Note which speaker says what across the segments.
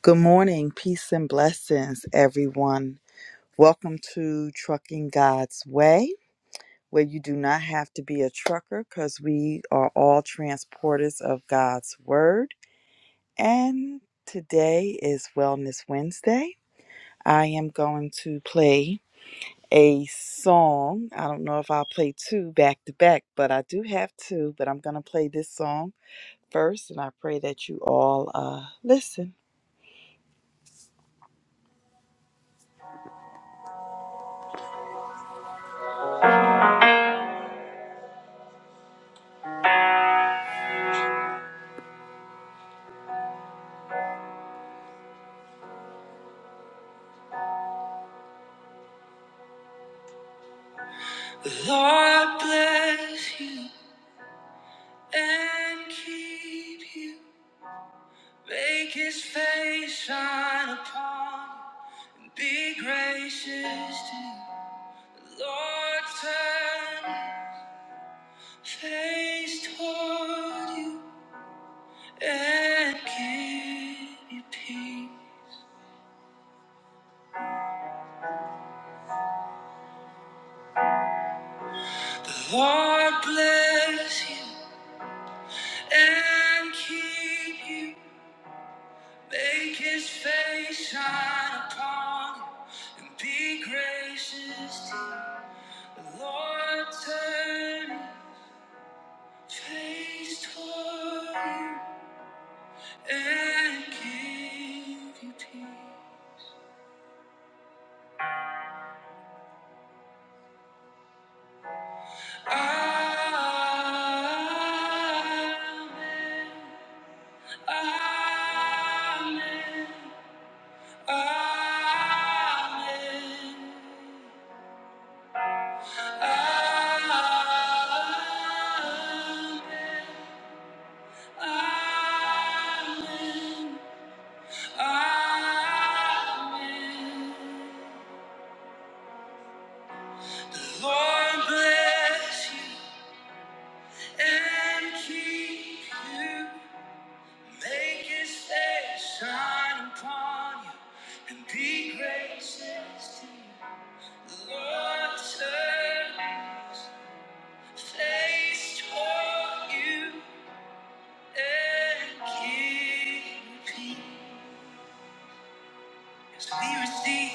Speaker 1: Good morning, peace and blessings, everyone. Welcome to Trucking God's Way, where you do not have to be a trucker because we are all transporters of God's Word. And today is Wellness Wednesday. I am going to play a song. I don't know if I'll play two back to back, but I do have two, but I'm going to play this song first, and I pray that you all uh, listen. Lord bless you. and keep you. Make his face shine upon you. Be gracious to you. Lord, turn his face toward you and give you peace. The Lord bless you and keep you. Make his face shine upon you and be gracious to you. The Lord turn Face toward you and give you peace. Amen. Amen. Amen. Amen. Amen. Amen. The Lord bless you. and keep you. Make his face shine upon you and be gracious to you. The Lord turn his face toward you and give you peace. We receive,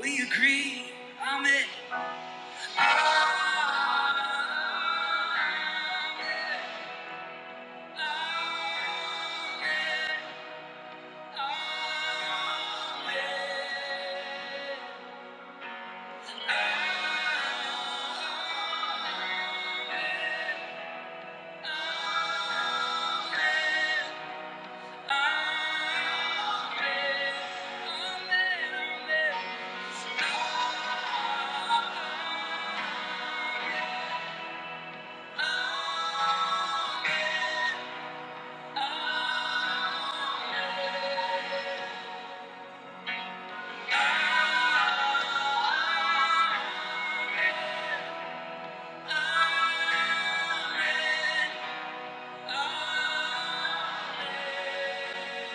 Speaker 1: we agree. Amen. Amen. Amen. Amen. His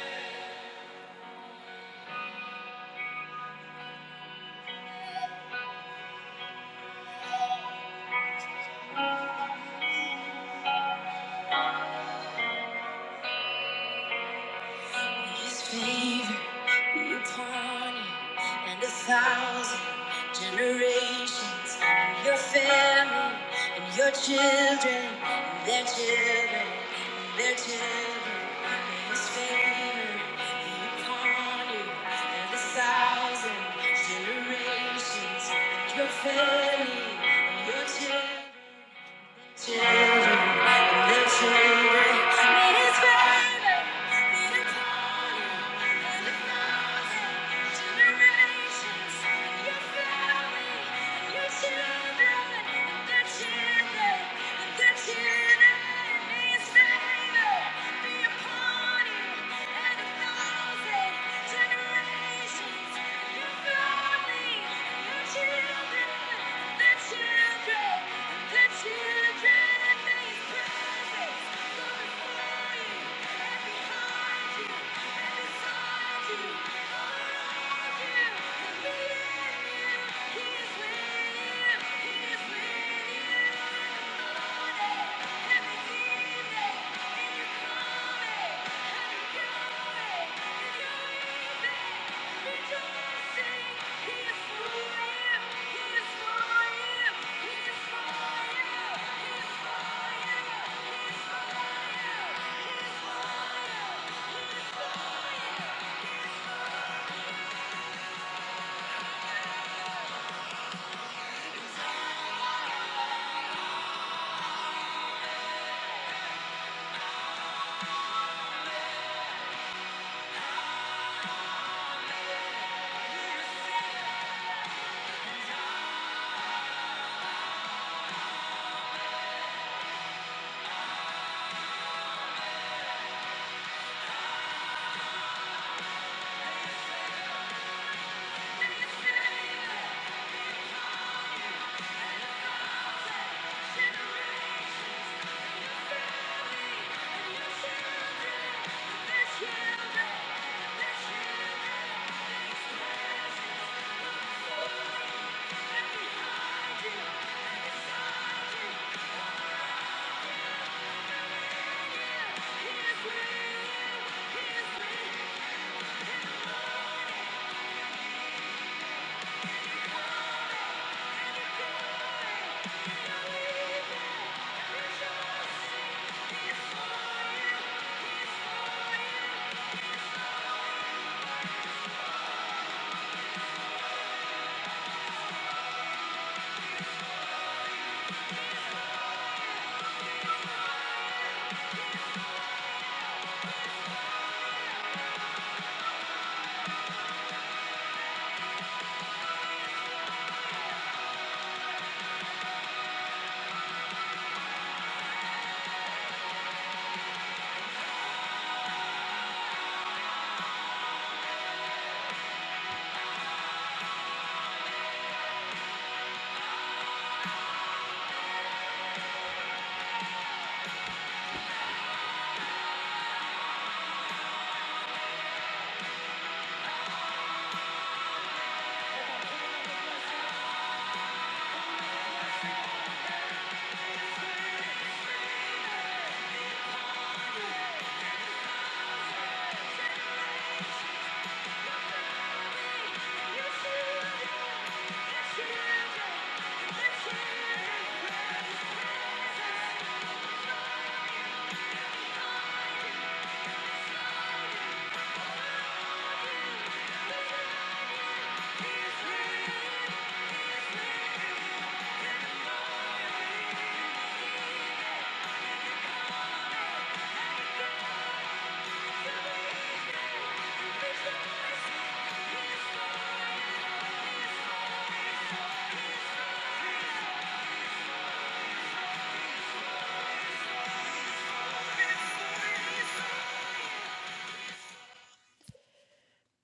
Speaker 1: favor be upon you and a thousand generations, and your family, and your children, and their children, and their children. May His favor be upon you and a thousand generations, and your family, and your children. Children, the children, I mean It's better, I mean it's Children and these prophets go before you and behold you, you. you. He is for you. He is for you. He is for you.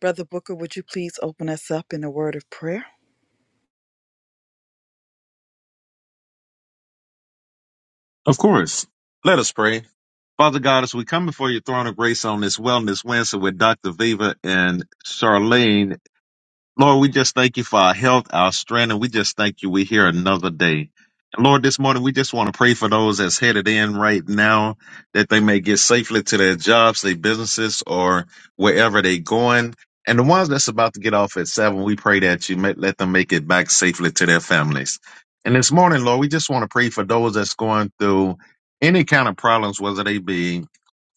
Speaker 1: Brother Booker, would you please open us up in a word of prayer?
Speaker 2: Of course. Let us pray. Father God, as we come before your throne of grace on this Wellness Wednesday with Dr. Viva and Charlene, Lord, we just thank you for our health, our strength, and we just thank you. We're here another day. And Lord, this morning we just want to pray for those that's headed in right now that they may get safely to their jobs, their businesses, or wherever they're going. And the ones that's about to get off at seven, we pray that you may, let them make it back safely to their families. And this morning, Lord, we just want to pray for those that's going through any kind of problems, whether they be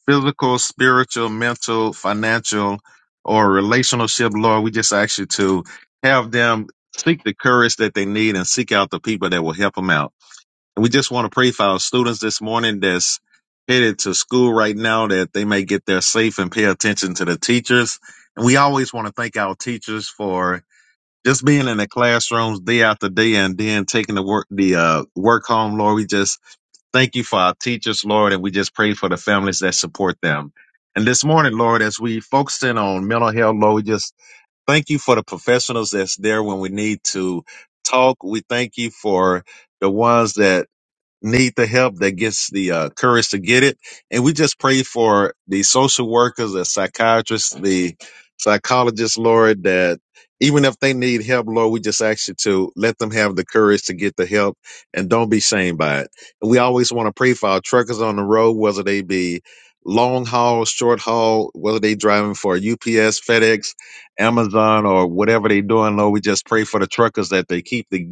Speaker 2: physical, spiritual, mental, financial, or relationship, Lord, we just ask you to have them seek the courage that they need and seek out the people that will help them out. And we just want to pray for our students this morning that's headed to school right now that they may get there safe and pay attention to the teachers. And we always want to thank our teachers for just being in the classrooms day after day and then taking the work the uh, work home, Lord. We just Thank you for our teachers, Lord, and we just pray for the families that support them. And this morning, Lord, as we focus in on mental health, Lord, we just thank you for the professionals that's there when we need to talk. We thank you for the ones that need the help, that gets the uh, courage to get it. And we just pray for the social workers, the psychiatrists, the psychologists, Lord, that even if they need help, Lord, we just ask you to let them have the courage to get the help and don't be shamed by it. And we always want to pray for our truckers on the road, whether they be long haul, short haul, whether they driving for UPS, FedEx, Amazon, or whatever they doing, Lord, we just pray for the truckers that they keep the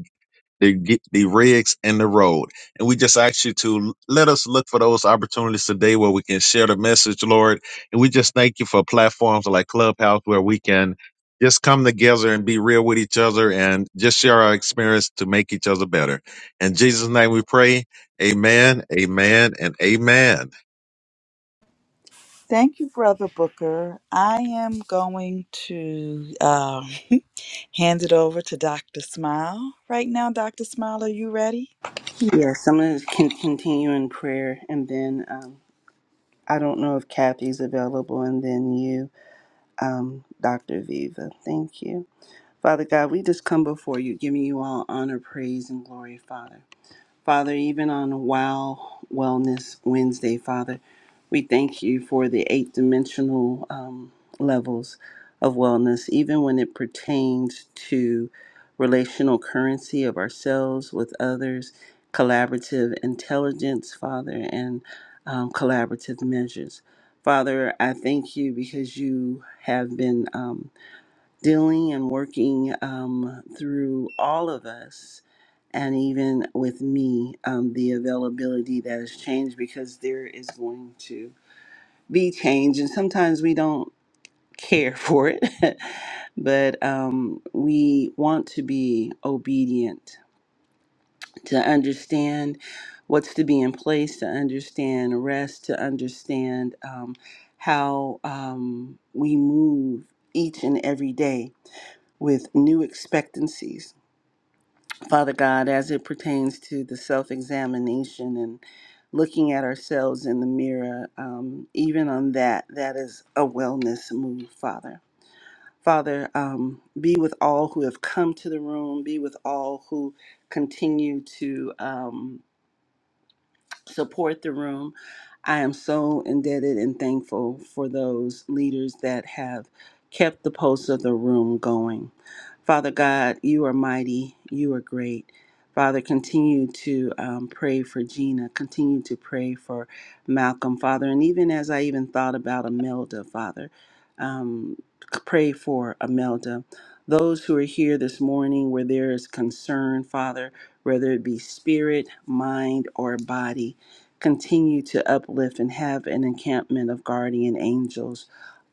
Speaker 2: the ge- the rigs and the road. And we just ask you to let us look for those opportunities today where we can share the message, Lord. And we just thank you for platforms like Clubhouse where we can just come together and be real with each other and just share our experience to make each other better. In Jesus' name we pray. Amen, amen, and amen.
Speaker 1: Thank you, Brother Booker. I am going to um, hand it over to Dr. Smile. Right now, Dr. Smile, are you ready?
Speaker 3: Yes, I'm going to con- continue in prayer, and then um, I don't know if Kathy's available, and then you, um, Dr. Viva. Thank you. Father God, we just come before you, giving you all honor, praise, and glory, Father. Father, even on Wow Wellness Wednesday, Father, we thank you for the eight dimensional um, levels of wellness, even when it pertains to relational currency of ourselves with others, collaborative intelligence, Father, and um, collaborative measures. Father, I thank you because you have been. Um, dealing and working um, through all of us and even with me um, the availability that has changed because there is going to be change and sometimes we don't care for it but um, we want to be obedient to understand what's to be in place to understand rest to understand um, how um, we move each and every day with new expectancies. Father God, as it pertains to the self examination and looking at ourselves in the mirror, um, even on that, that is a wellness move, Father. Father, um, be with all who have come to the room, be with all who continue to. Um, support the room. I am so indebted and thankful for those leaders that have kept the pulse of the room going. Father God, you are mighty, you are great. Father, continue to um, pray for Gina, continue to pray for Malcolm, Father. And even as I even thought about Imelda, Father, um, c- pray for Imelda. Those who are here this morning where there is concern, Father, whether it be spirit, mind, or body continue to uplift and have an encampment of guardian angels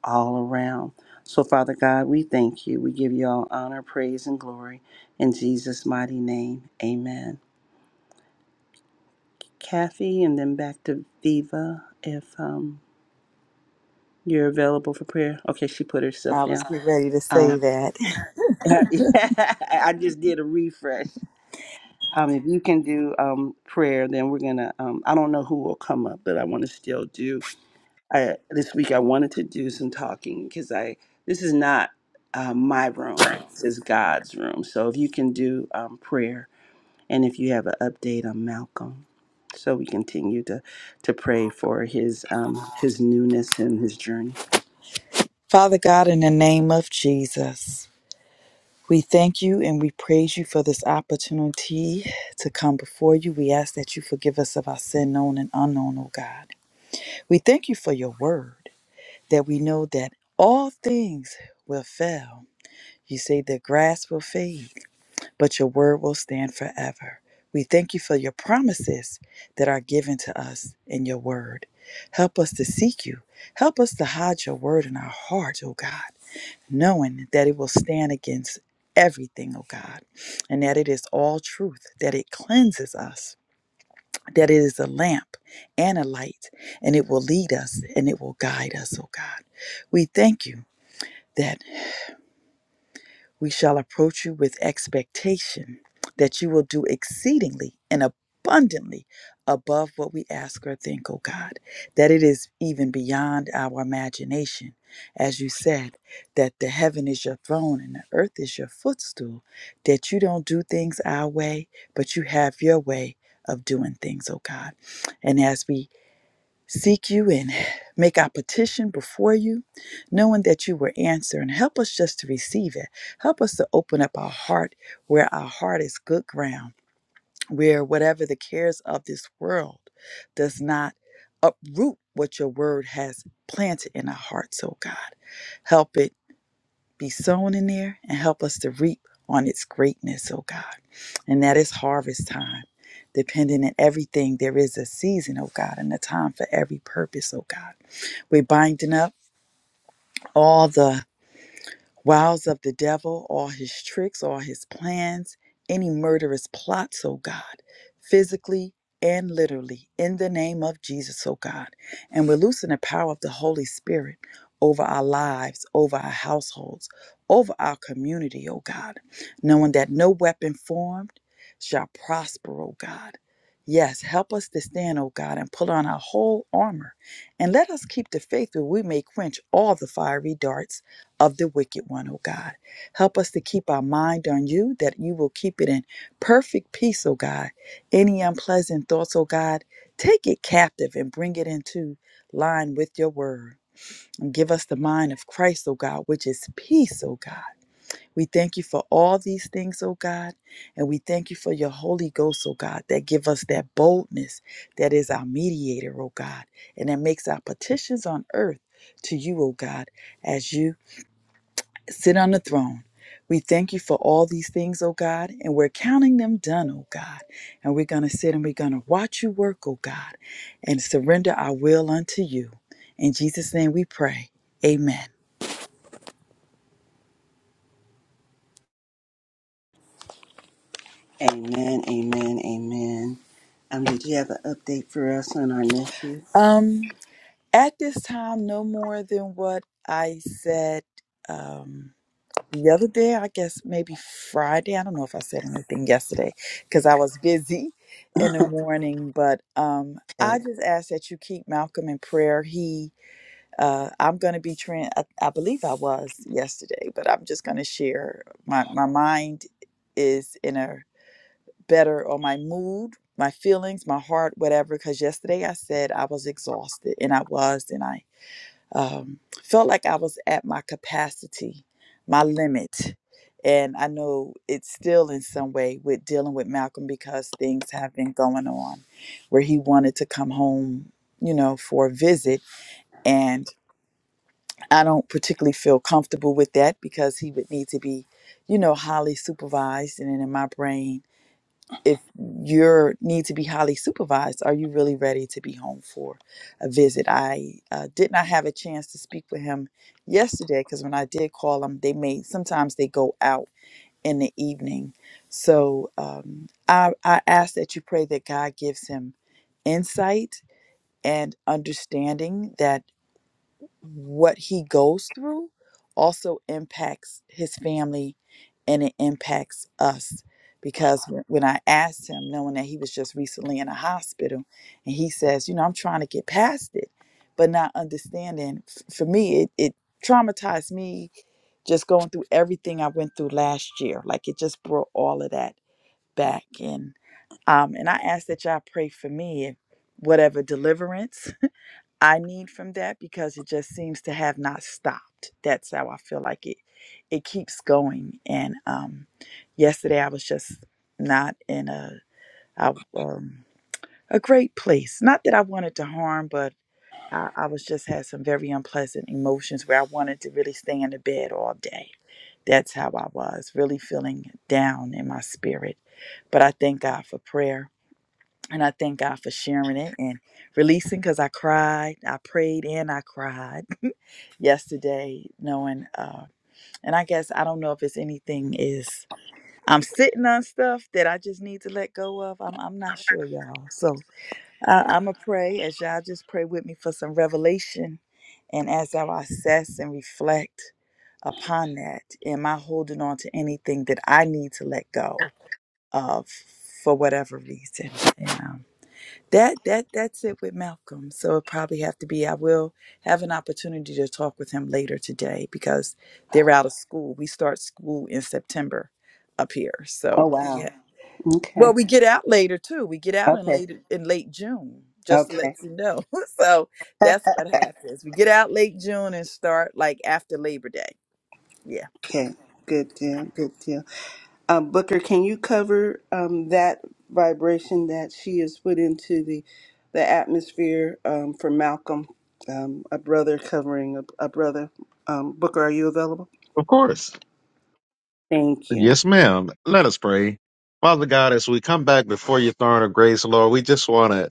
Speaker 3: all around. So, Father God, we thank you. We give you all honor, praise, and glory in Jesus' mighty name. Amen. Kathy, and then back to Viva if um, you're available for prayer. Okay, she put herself
Speaker 1: I was
Speaker 3: down.
Speaker 1: getting ready to
Speaker 3: Um,
Speaker 1: say that.
Speaker 3: I just did a refresh. Um, if you can do um, prayer, then we're going to, um, I don't know who will come up, but I want to still do I, this week I wanted to do some talking because I this is not uh, my room. This is God's room. So if you can do um, prayer, and if you have an update on Malcolm, so we continue to to pray for his um, his newness and his journey.
Speaker 1: Father God, in the name of Jesus. We thank you and we praise you for this opportunity to come before you. We ask that you forgive us of our sin, known and unknown, O God. We thank you for your word, that we know that all things will fail. You say the grass will fade, but your word will stand forever. We thank you for your promises that are given to us in your word. Help us to seek you. Help us to hide your word in our heart, O God knowing that it will stand against everything, oh God, and that it is all truth, that it cleanses us, that it is a lamp and a light, and it will lead us and it will guide us, oh God. We thank you. that. We shall approach you with expectation that you will do exceedingly and abundantly above what we ask or think, O God, that it is even beyond our imagination. As you said, that the heaven is your throne and the earth is your footstool, that you don't do things our way, but you have your way of doing things, O God. And as we seek you and make our petition before you, knowing that you will answer. And help us just to receive it. Help us to open up our heart where our heart is good ground, where whatever the cares of this world does not uproot what your word has planted in our hearts, oh God. Help it be sown in there and help us to reap on its greatness, oh God. And that is harvest time. Depending on everything, there is a season, oh God, and a time for every purpose, oh God. We're binding up all the Wiles of the devil, all his tricks, all his plans, any murderous plots, oh God, physically and literally, in the name of Jesus, oh God. And we're loosing the power of the Holy Spirit over our lives, over our households, over our community, oh God, knowing that no weapon formed shall prosper, oh God. Yes, help us to stand, oh God, and pull on our whole armor. And let us keep the faith that we may quench all the fiery darts of the wicked one, O God. Help us to keep our mind on you, that you will keep it in perfect peace, O God. Any unpleasant thoughts, O God, take it captive and bring it into line with your word. And give us the mind of Christ, O God, which is peace, O God. We thank you for all these things, O God. And we thank you for your Holy Ghost, O God, that give us that boldness that is our mediator, O God, and that makes our petitions on earth to you, O God, as you sit on the throne. We thank you for all these things, oh God, and we're counting them done, oh God. And we're going to sit and we're going to watch you work, oh God, and surrender our will unto you. In Jesus' name we pray. Amen.
Speaker 3: Amen. Amen. Amen. Um, did you have an update for us on our nephew?
Speaker 1: Um, at this time, no more than what I said um, the other day, I guess maybe Friday. I don't know if I said anything yesterday because I was busy in the morning, but um, I
Speaker 3: Okay.
Speaker 1: just ask that you keep Malcolm in prayer. He uh, I'm going to be trans. I, I believe I was yesterday, but I'm just going to share. My my mind is in a better or my mood, my feelings, my heart, whatever. Because yesterday I said I was exhausted, and I was, and I um, felt like I was at my capacity, my limit. And I know it's still in some way with dealing with Malcolm because things have been going on where he wanted to come home, you know, for a visit. And I don't particularly feel comfortable with that because he would need to be, you know, highly supervised. And then in my brain, if you need to be highly supervised, are you really ready to be home for a visit? I uh, did not have a chance to speak with him yesterday because when I did call him, they may sometimes they go out in the evening. So um, I, I ask that you pray that God gives him insight and understanding that what he goes through also impacts his family and it impacts us because when when I asked him, knowing that he was just recently in a hospital, and he says, you know, I'm trying to get past it, but not understanding. f- For me, it, it traumatized me just going through everything I went through last year. Like it just brought all of that back. And um, and I ask that y'all pray for me and whatever deliverance I need from that because it just seems to have not stopped. That's how I feel like it it keeps going. And um yesterday I was just not in a I, um a great place. Not that I wanted to harm, but I, I was just had some very unpleasant emotions where I wanted to really stay in the bed all day. That's how I was, really feeling down in my spirit. But I thank God for prayer and I thank God for sharing it and releasing because I cried, I prayed, and I cried yesterday, knowing. Uh, and I guess I don't know if it's anything is I'm sitting on stuff that I just need to let go of. I'm I'm not sure, y'all. So I, I'm gonna pray as y'all just pray with me for some revelation, and as I assess and reflect upon that, am I holding on to anything that I need to let go of for whatever reason? You know? That that that's it with Malcolm. So it probably have to be. I will have an opportunity to talk with him later today because they're out of school. We start school in September up here.
Speaker 3: Oh
Speaker 1: So
Speaker 3: wow.
Speaker 1: yeah.
Speaker 3: Okay.
Speaker 1: Well, we get out later too. We get out in
Speaker 3: Okay.
Speaker 1: late in late June, just to let
Speaker 3: Okay.
Speaker 1: you know. So that's what happens. We get out late June and start like after Labor Day. Yeah.
Speaker 3: Okay. Good deal. Good deal. Uh, Booker, can you cover um, that vibration that she has put into the the atmosphere um, for Malcolm, um, a brother covering a, a brother? Um, Booker, are you available?
Speaker 2: Of course.
Speaker 3: Thank you.
Speaker 2: Yes, ma'am. Let us pray. Father God, as we come back before your throne of grace, Lord, we just want to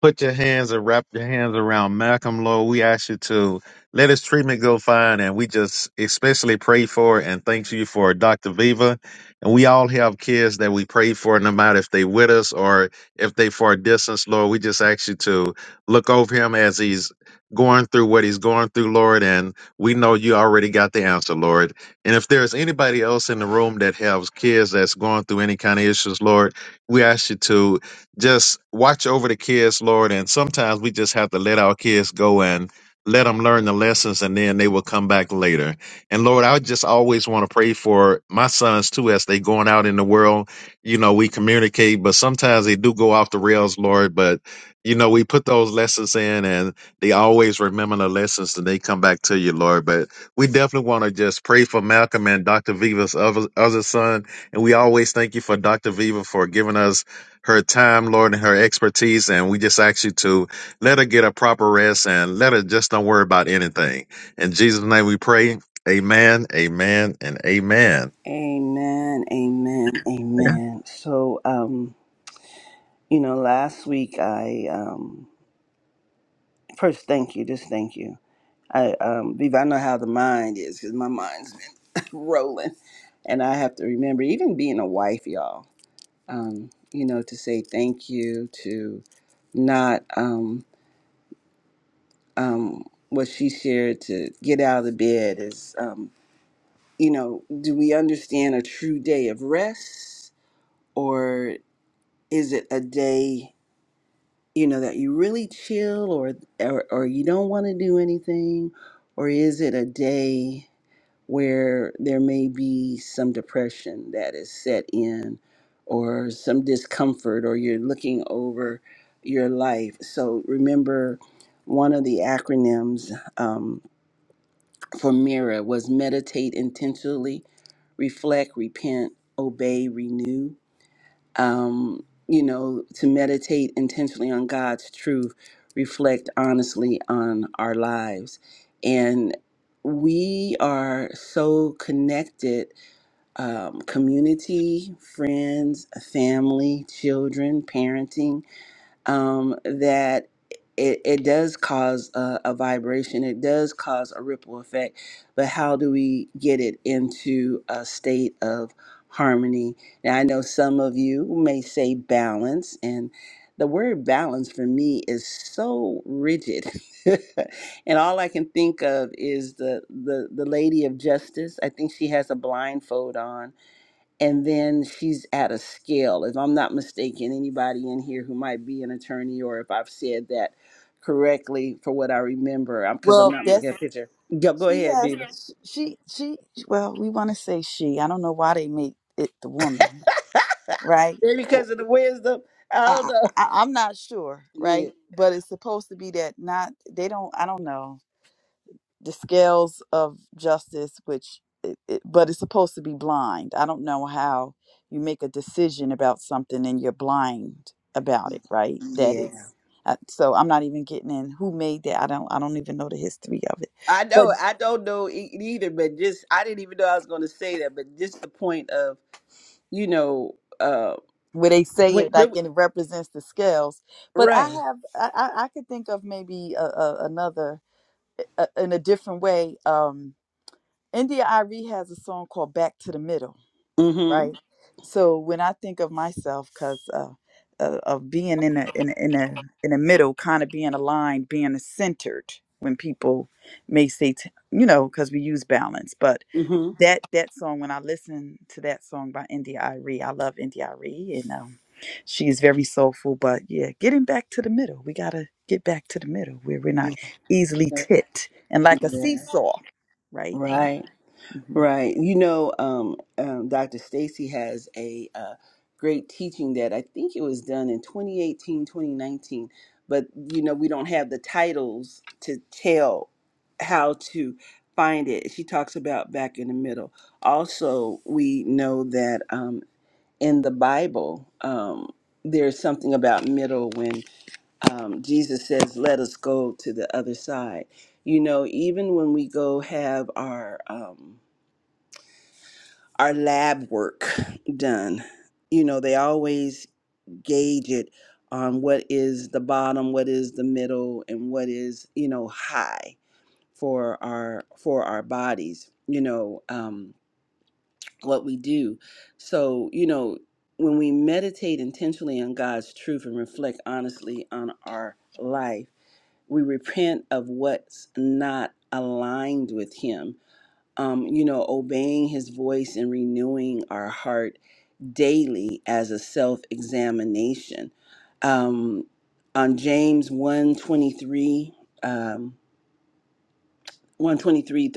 Speaker 2: put your hands and wrap your hands around Malcolm, Lord. We ask you to let his treatment go fine, and we just especially pray for and thank you for Dr. Viva. And we all have kids that we pray for, no matter if they with us or if they for a distance, Lord. We just ask you to look over him as he's going through what he's going through, Lord. And we know you already got the answer, Lord. And if there's anybody else in the room that has kids that's going through any kind of issues, Lord, we ask you to just watch over the kids, Lord. And sometimes we just have to let our kids go and let them learn the lessons and then they will come back later. And Lord, I just always want to pray for my sons too as they going out in the world. You know, we communicate, but sometimes they do go off the rails, Lord. But you know, we put those lessons in and they always remember the lessons and they come back to you, Lord. But we definitely want to just pray for Malcolm and Dr. Viva's other, other son. And we always thank you for Dr. Viva for giving us her time, Lord, and her expertise. And we just ask you to let her get a proper rest and let her just don't worry about anything. In Jesus' name we pray. Amen, amen, and amen.
Speaker 3: Amen. Amen.
Speaker 2: Okay.
Speaker 3: Amen. So, um, you know, last week I um, first thank you, just thank you. I um, Viva, I know how the mind is because my mind's been rolling, and I have to remember, even being a wife, y'all. um, you know, to say thank you, to not um, um, what she shared, to get out of the bed is, um, you know, do we understand a true day of rest, or is it a day, you know, that you really chill, or or, or you don't want to do anything, or is it a day? where there may be some depression that is set in or some discomfort or you're looking over your life. So remember, one of the acronyms um, for MIRA was meditate intentionally, reflect, repent, obey, renew. Um, you know, to meditate intentionally on God's truth, reflect honestly on our lives. And we are so connected um, community, friends, family, children, parenting, um, that it, it does cause a, a vibration, it does cause a ripple effect, but how do we get it into a state of harmony? Now, I know some of you may say balance, and the word balance for me is so rigid. and all I can think of is the, the the lady of justice. I think she has a blindfold on and then she's at a scale if i'm not mistaken anybody in here who might be an attorney or if i've said that correctly for what i remember i'm because i'm
Speaker 1: Well,
Speaker 3: not
Speaker 1: that's
Speaker 3: looking at a picture go, go
Speaker 1: she
Speaker 3: ahead
Speaker 1: has
Speaker 3: Viva.
Speaker 1: she she. she well, we want to say she. I don't know why they make it the woman, right?
Speaker 3: maybe because of the wisdom i don't
Speaker 1: I,
Speaker 3: know
Speaker 1: I I'm not sure,
Speaker 3: yeah
Speaker 1: right? But it's supposed to be that not they don't I don't know the scales of justice, which it, it, but it's supposed to be blind. I don't know how you make a decision about something and you're blind about it, right? That
Speaker 3: yeah
Speaker 1: is uh, so I'm not even getting in who made that. I don't I don't even know the history of it,
Speaker 3: i
Speaker 1: but
Speaker 3: know i don't know e- either but just i didn't even know i was going to say that but just the point of you know uh
Speaker 1: where they say
Speaker 3: when,
Speaker 1: it like
Speaker 3: when,
Speaker 1: and it represents the scales. But I
Speaker 3: right
Speaker 1: have I I, I could think of maybe a, a, another a, in a different way. Um, India Irie has a song called "Back to the Middle,"
Speaker 3: mm-hmm
Speaker 1: right? So when I think of myself, because uh, uh, of being in a in a, in a in the middle, kind of being aligned, being centered, when people may say, t- you know, because we use balance, but
Speaker 3: mm-hmm
Speaker 1: that that song, when I listen to that song by India Irie, I love India Irie, and um, she is very soulful. But yeah, getting back to the middle, we gotta get back to the middle where we're not
Speaker 3: yeah,
Speaker 1: easily tipped and like a
Speaker 3: yeah
Speaker 1: seesaw, right? Like.
Speaker 3: right Right. You know, um, um, Dr. Stacy has a uh, great teaching that I think it was done in 2018, 2019, But, you know, we don't have the titles to tell how to find it. She talks about back in the middle. Also, we know that um, in the Bible, um, there's something about middle when um, Jesus says, let us go to the other side. You know, even when we go have our. Um, our lab work done. You know, they always gauge it on what is the bottom, what is the middle, and what is, you know, high for our for our bodies, you know, um, what we do. So, you know, when we meditate intentionally on God's truth and reflect honestly on our life, we repent of what's not aligned with him. Um, you know, obeying his voice and renewing our heart daily as a self examination. Um, on James 123, um, 123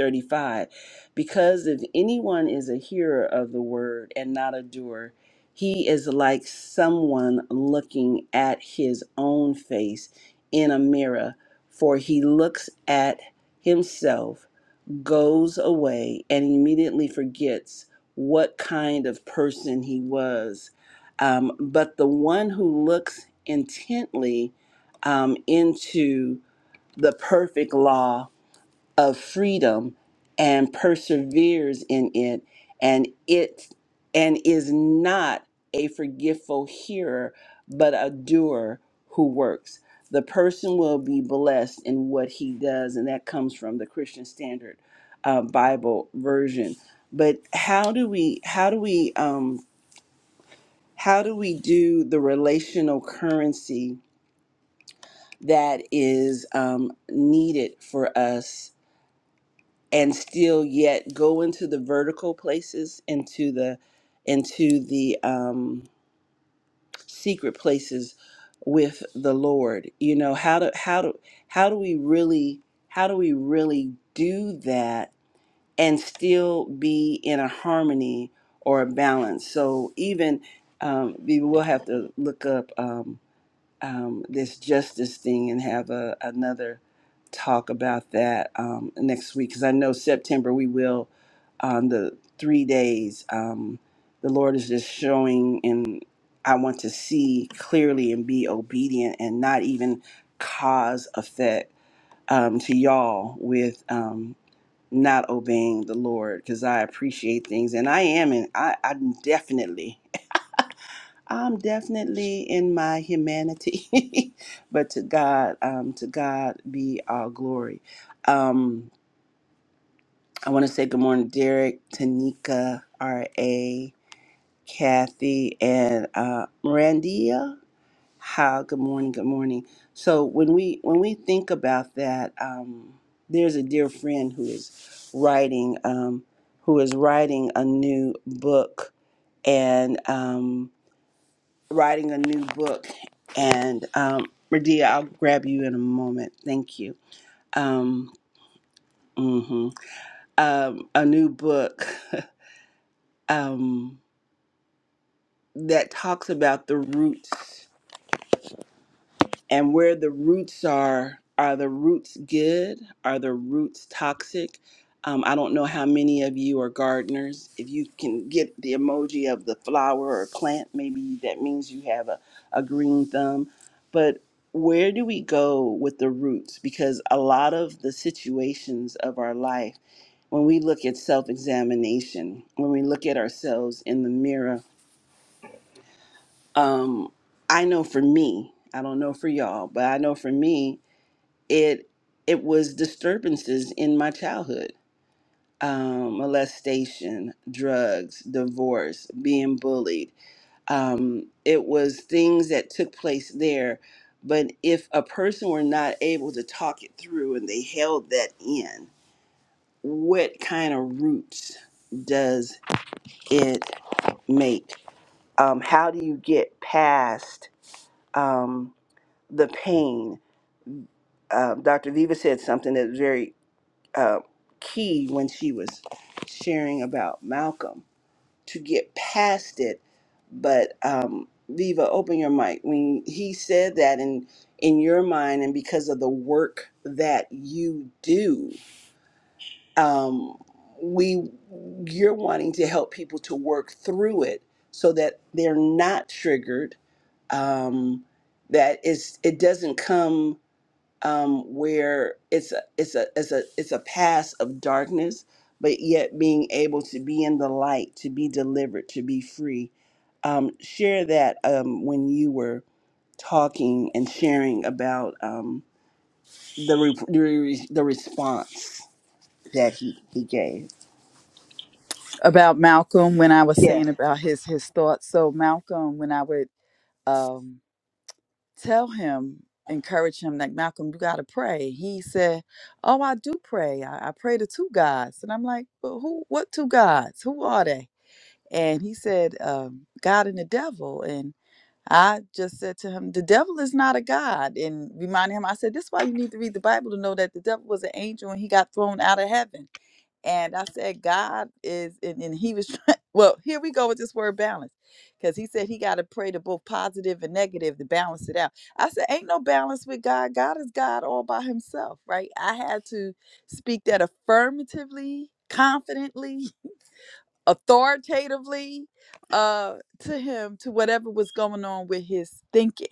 Speaker 3: because if anyone is a hearer of the word and not a doer, he is like someone looking at his own face in a mirror, for he looks at himself goes away and immediately forgets what kind of person he was. Um, but the one who looks intently um, into the perfect law of freedom and perseveres in it and it and is not a forgetful hearer but a doer who works the person will be blessed in what he does and that comes from the christian standard uh, bible version but how do we how do we um how do we do the relational currency that is um, needed for us and still yet go into the vertical places into the into the um secret places with the lord you know how do how do how do we really how do we really do that and still be in a harmony or a balance so even um we will have to look up Um, um, this justice thing and have a, another talk about that um, next week because I know September we will on the three days. Um, the Lord is just showing, and I want to see clearly and be obedient and not even cause effect um, to y'all with. Um, not obeying the Lord because I appreciate things and I am and I, I'm definitely I'm definitely in my humanity, but to God, um, to God be all glory. Um, I want to say good morning, Derek, Tanika, R.A., Kathy, and uh, Mirandia. How good morning, good morning. So when we when we think about that, um, there's a dear friend who is writing um, who is writing a new book, and Um, writing a new book. And um, Medea, I'll grab you in a moment. Thank you. Um, mhm. um, a new book um, that talks about the roots. and where the roots are are the roots good are the roots toxic um, i don't know how many of you are gardeners if you can get the emoji of the flower or plant maybe that means you have a, a green thumb but where do we go with the roots because a lot of the situations of our life when we look at self-examination when we look at ourselves in the mirror um, i know for me i don't know for y'all but i know for me it it was disturbances in my childhood um, molestation drugs divorce being bullied um, it was things that took place there but if a person were not able to talk it through and they held that in what kind of roots does it make um, how do you get past um, the pain um, dr viva said something that's very uh, key when she was sharing about Malcolm to get past it. But um, Viva, open your mic. When he said that in in your mind, and because of the work that you do, um, we you're wanting to help people to work through it so that they're not triggered. Um, that it's, it doesn't come um, where it's a, it's a it's a it's a past of darkness, but yet being able to be in the light, to be delivered, to be free. Um, share that um, when you were talking and sharing about um, the, re- the re- the response that he he gave.
Speaker 1: about Malcolm when I was
Speaker 3: Yeah.
Speaker 1: saying about his his thoughts. So Malcolm, when I would um, tell him, encourage him, like Malcolm, you got to pray. He said, "Oh, I do pray. I, I pray to two gods." And I'm like, "Well, who? What two gods? Who are they?" And he said, um, "God and the devil." And I just said to him, The devil is not a God. And reminding him, I said, This is why you need to read the Bible to know that the devil was an angel and he got thrown out of heaven and I said, God is, and, and he was, trying, well, here we go with this word balance. Because he said he got to pray to both positive and negative to balance it out. I said, ain't no balance with God. God is God all by himself, right? I had to speak that affirmatively, confidently, authoritatively uh, to him, to whatever was going on with his thinking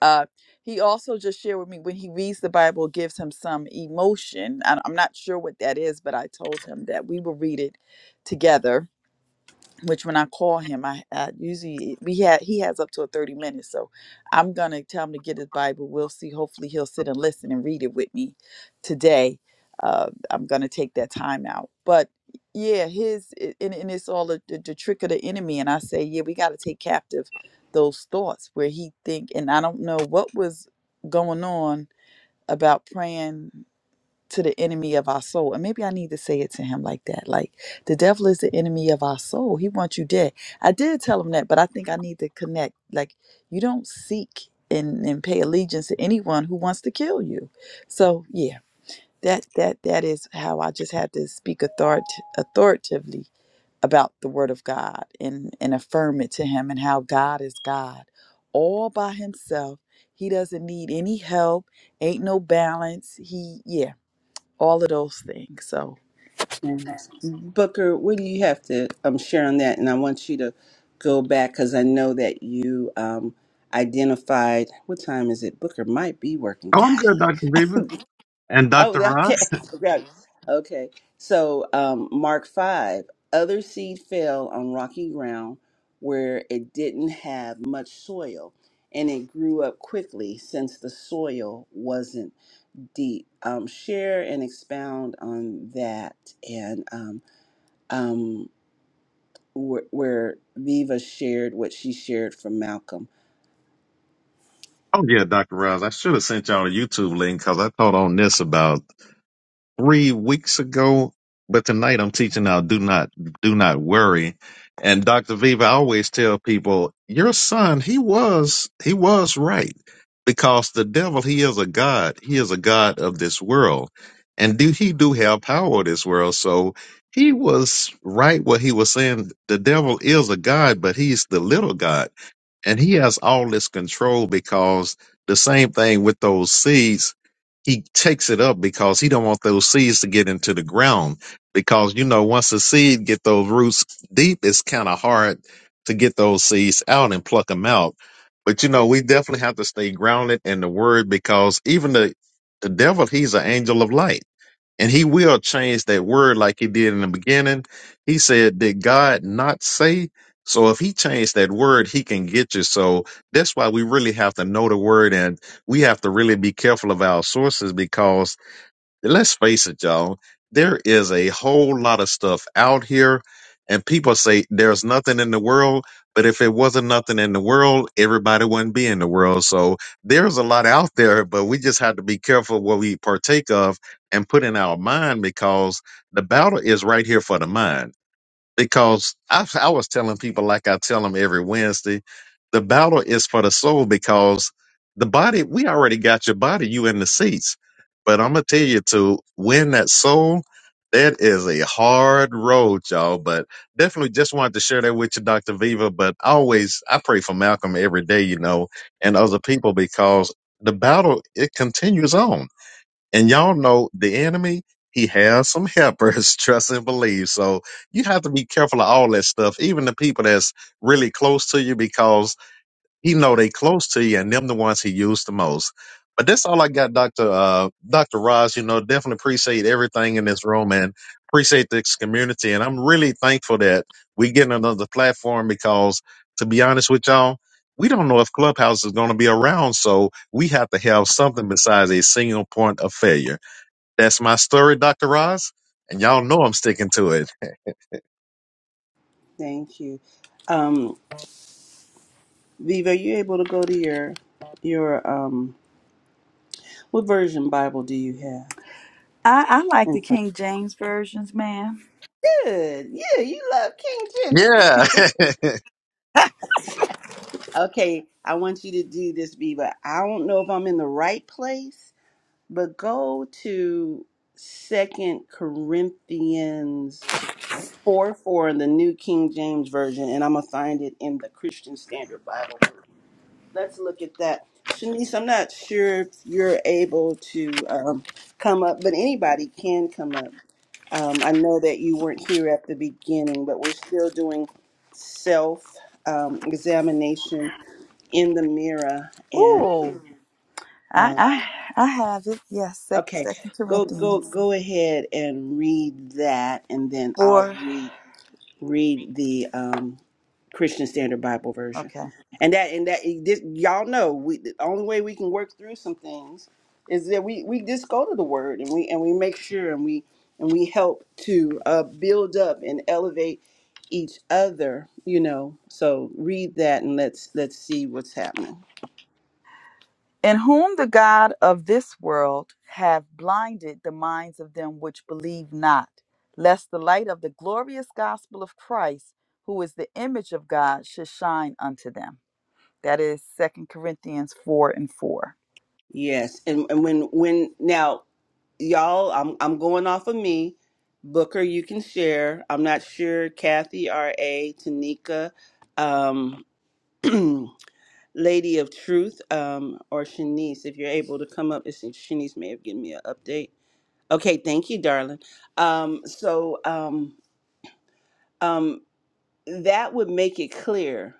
Speaker 1: uh, he also just shared with me when he reads the Bible, it gives him some emotion. I- I'm not sure what that is, but I told him that we will read it together which when I call him, I, I usually we had he has up to a thirty minutes, so I'm gonna tell him to get his Bible. We'll see. Hopefully, he'll sit and listen and read it with me today. Uh, I'm gonna take that time out, but yeah, his i- and, and it's all the, the, the trick of the enemy. And I say, yeah, we got to take captive those thoughts where he think. And I don't know what was going on about praying to the enemy of our soul. And maybe I need to say it to him like that. Like the devil is the enemy of our soul. He wants you dead. I did tell him that, but I think I need to connect. Like you don't seek and, and pay allegiance to anyone who wants to kill you. So yeah, that that that is how I just had to speak authority authoritatively about the word of God and, and affirm it to him and how God is God all by himself. He doesn't need any help, ain't no balance. He yeah all of those things. So,
Speaker 3: And Booker, what do you have to um, share on that? And I want you to go back because I know that you um, identified. What time is it? Booker might be working.
Speaker 2: Oh, I'm good,
Speaker 3: Golly
Speaker 2: Dr. Beaver. And
Speaker 3: Oh,
Speaker 2: Dr.
Speaker 3: th-
Speaker 2: Ross?
Speaker 3: okay. Okay. Okay. So, um, Mark 5 other seed fell on rocky ground where it didn't have much soil and it grew up quickly since the soil wasn't deep. Um, share and expound on that and um, um, where, where Viva shared what she shared from Malcolm.
Speaker 2: Oh, yeah, Dr. Ross. I should have sent y'all a YouTube link because I thought on this about three weeks ago, but tonight I'm teaching out do not do not worry. And Dr. Viva, I always tell people, your son, he was he was right. Because the devil, he is a God. He is a God of this world. And do he do have power of this world? So he was right what he was saying. The devil is a God, but he's the little God and he has all this control because the same thing with those seeds he takes it up because he don't want those seeds to get into the ground because you know once the seed get those roots deep it's kind of hard to get those seeds out and pluck them out but you know we definitely have to stay grounded in the word because even the the devil he's an angel of light and he will change that word like he did in the beginning. He said, Did God not say? So if he changed that word, he can get you. So that's why we really have to know the word and we have to really be careful of our sources because let's face it, y'all. There is a whole lot of stuff out here, and people say there's nothing in the world. But if it wasn't nothing in the world, everybody wouldn't be in the world. So there's a lot out there, but we just have to be careful what we partake of and put in our mind because the battle is right here for the mind because I, I was telling people like I tell them every Wednesday, the battle is for the soul because the body we already got your body, you in the seats. But I'm gonna tell you to win that soul, that is a hard road, y'all. But definitely just wanted to share that with you, Dr. Viva. But always I pray for Malcolm every day, you know, and other people because the battle it continues on and y'all know the enemy, he has some helpers, trust and believe. So you have to be careful of all that stuff, even the people that's really close to you, because he know they close to you and them the ones he used the most. But that's all I got, Dr. Uh, Dr. Roz. You know, definitely appreciate everything in this room and appreciate this community. And I'm really thankful that we getting another platform because to be honest with y'all, we don't know if Clubhouse is going to be around. So we have to have something besides a single point of failure. That's my story, Dr. Roz. And y'all know I'm sticking to it.
Speaker 3: Thank you. Um, Viva, are you able to go to your, your um, what version Bible do you have?
Speaker 1: I, I like
Speaker 3: in
Speaker 1: the
Speaker 3: front.
Speaker 1: King James versions, ma'am.
Speaker 3: Good. Yeah, you love King Jimmy.
Speaker 2: Yeah.
Speaker 3: Okay, I want you to do this, Beba. I don't know if I'm in the right place, but go to Second Corinthians four four in the New King James Version, and I'm gonna find it in the Christian Standard Bible. Let's look at that. Shanice, I'm not sure if you're able to um, come up, but anybody can come up. Um, I know that you weren't here at the beginning, but we're still doing self um, examination in the mirror. And
Speaker 1: ooh, I
Speaker 3: um,
Speaker 1: I, I have it. Yes, Sec-
Speaker 3: okay,
Speaker 1: Second
Speaker 3: go go
Speaker 1: Corinthians
Speaker 3: go ahead and read that, and then I'll
Speaker 1: four.
Speaker 3: read. read the um, Christian Standard Bible version,
Speaker 1: Okay.
Speaker 3: and that and that this y'all know we the only way we can work through some things is that we we just go to the Word and we and we make sure and we and we help to uh, build up and elevate each other. You know, so read that and let's let's see what's happening.
Speaker 1: In whom the God of this world have blinded the minds of them which believe not, lest the light of the glorious gospel of Christ, who is the image of God, should shine unto them. That is Second Corinthians four and 4
Speaker 3: Yes, and and when when now y'all, I'm I'm going off of me. Booker, you can share. I'm not sure. Kathy, R. A. Tanika, um, Lady of Truth, um, or Shanice, if you're able to come up. It's- Shanice may have given me an update. Okay, thank you, darling. Um, so um, um, that would make it clear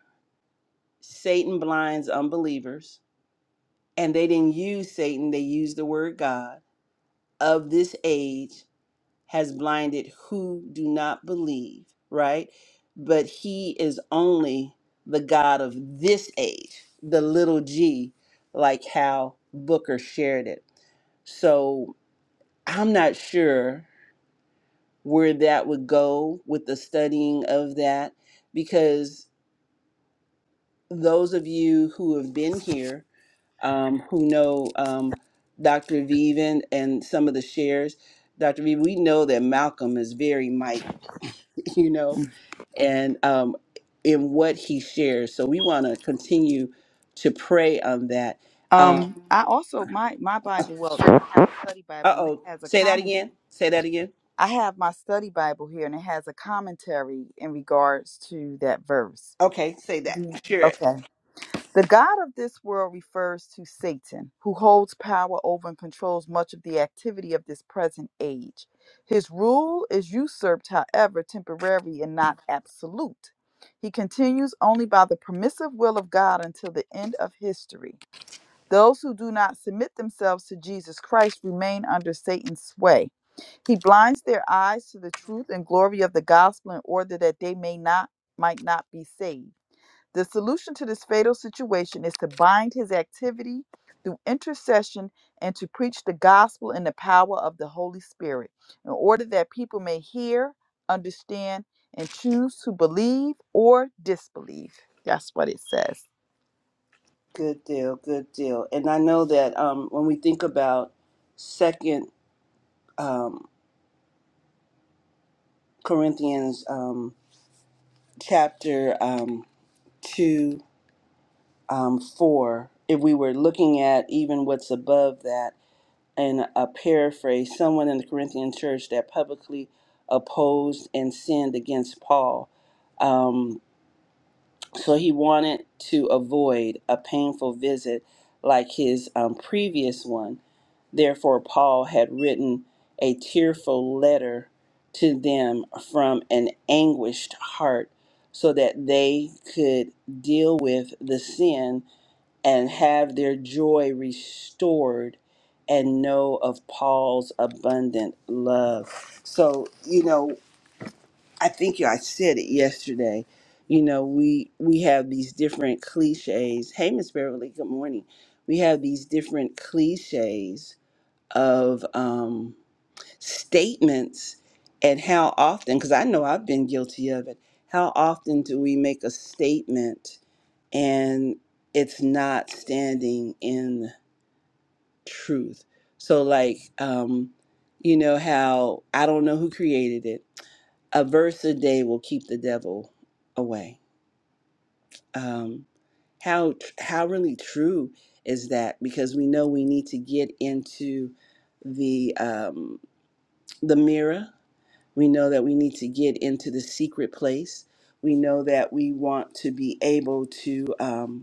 Speaker 3: Satan blinds unbelievers, and they didn't use Satan. They used the word God of this age has blinded who do not believe, right? But he is only the God of this age, the little g, like how Booker shared it. So I'm not sure where that would go with the studying of that because those of you who have been here, um, who know um, Dr. Viven and some of the shares, Dr. Viven, we know that Malcolm is very mighty, you know
Speaker 1: Mm-hmm.
Speaker 3: and um, in what he shares. So we want to continue to pray on that.
Speaker 1: Um,
Speaker 3: Um,
Speaker 1: I also my my Bible. Well, I have a study
Speaker 3: uh
Speaker 1: Bible, and it
Speaker 3: oh,
Speaker 1: has a
Speaker 3: say that
Speaker 1: comment.
Speaker 3: again. Say that again.
Speaker 1: I have my study Bible here, and it has a commentary in regards to that verse.
Speaker 3: Okay, say that.
Speaker 1: The
Speaker 3: Share it.
Speaker 1: okay. The God of this world refers to Satan, who holds power over and controls much of the activity of this present age. His rule is usurped, however, temporary and not absolute. He continues only by the permissive will of God until the end of history. Those who do not submit themselves to Jesus Christ remain under Satan's sway. He blinds their eyes to the truth and glory of the gospel in order that they may not might not be saved. The solution to this fatal situation is to bind his activity through intercession and to preach the gospel in the power of the Holy Spirit in order that people may hear, understand, and choose to believe or disbelieve. That's what it says.
Speaker 3: Good deal. Good deal. And I know that um, when we think about Second um, Corinthians um, chapter um, two um, four, if we were looking at even what's above that. and a paraphrase, someone in the Corinthian church that publicly opposed and sinned against Paul. Um, so he wanted to avoid a painful visit like his um, previous one. Therefore, Paul had written a tearful letter to them from an anguished heart so that they could deal with the sin and have their joy restored and know of Paul's abundant love. So, you know, I think I said it yesterday. You know, we we have these different cliches. Hey, Miss Beverly, good morning. We have these different cliches of um, statements, and how often? Because I know I've been guilty of it. How often do we make a statement and it's not standing in truth. So, like, um, you know how I don't know who created it. A verse a day will keep the devil away. Um, how how really true is that? Because we know we need to get into the um, the mirror. We know that we need to get into the secret place. We know that we want to be able to. Um,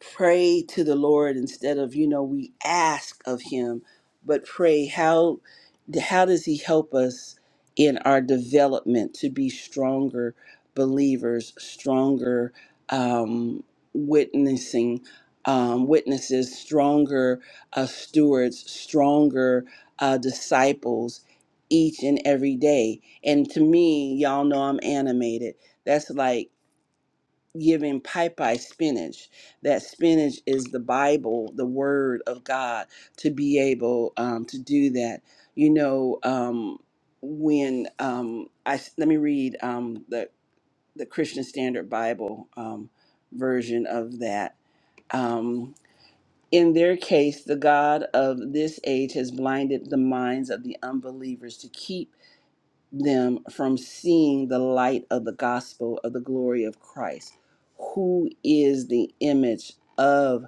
Speaker 3: pray to the Lord instead of you know we ask of Him, but pray how how does He help us in our development to be stronger believers, stronger um, witnessing um, witnesses, stronger uh, stewards, stronger uh, disciples each and every day. And to me, y'all know I'm animated. That's like giving pipi spinach. That spinach is the Bible, the Word of God, to be able um, to do that. You know, um, when um, I let me read um, the the Christian Standard Bible um, version of that. Um, in their case, the God of this age has blinded the minds of the unbelievers to keep them from seeing the light of the gospel of the glory of Christ, who is the image of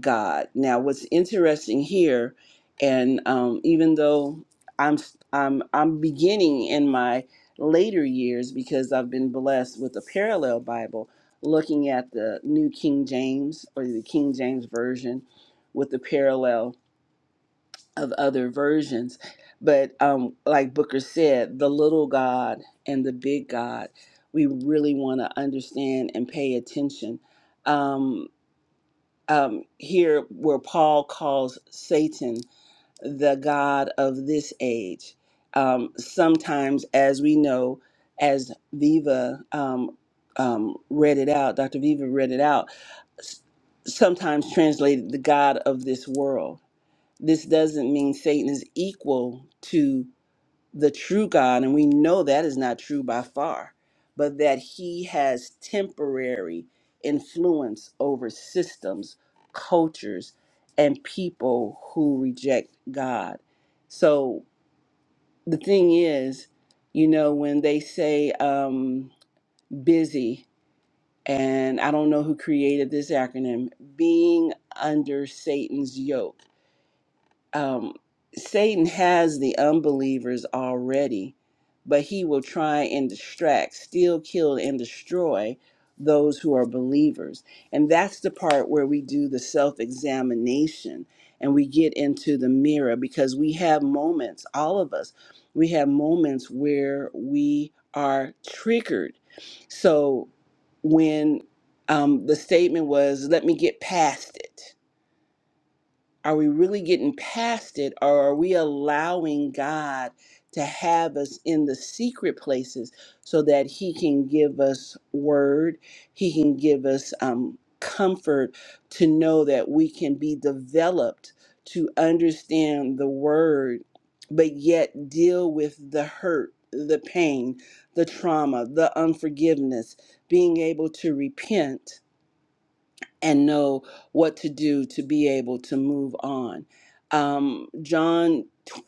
Speaker 3: God. Now, what's interesting here, and um, even though I'm I'm I'm beginning in my later years because I've been blessed with a parallel Bible, looking at the New King James or the King James version with the parallel of other versions. But um, like Booker said, the little God and the big God, we really want to understand and pay attention. Um, um, here, where Paul calls Satan the God of this age, um, sometimes, as we know, as Viva um, um, read it out, Dr. Viva read it out, s- sometimes translated the God of this world this doesn't mean Satan is equal to the true God, and we know that is not true by far, but that he has temporary influence over systems, cultures, and people who reject God. So the thing is, you know, when they say um, busy, and I don't know who created this acronym, being under Satan's yoke um, Satan has the unbelievers already, but he will try and distract, steal, kill, and destroy those who are believers. And that's the part where we do the self examination and we get into the mirror because we have moments, all of us, we have moments where we are triggered. So when um, the statement was, let me get past it are we really getting past it or are we allowing God to have us in the secret places so that He can give us word? He can give us um, comfort to know that we can be developed to understand the word, but yet deal with the hurt, the pain, the trauma, the unforgiveness, being able to repent and know what to do to be able to move on. Um, John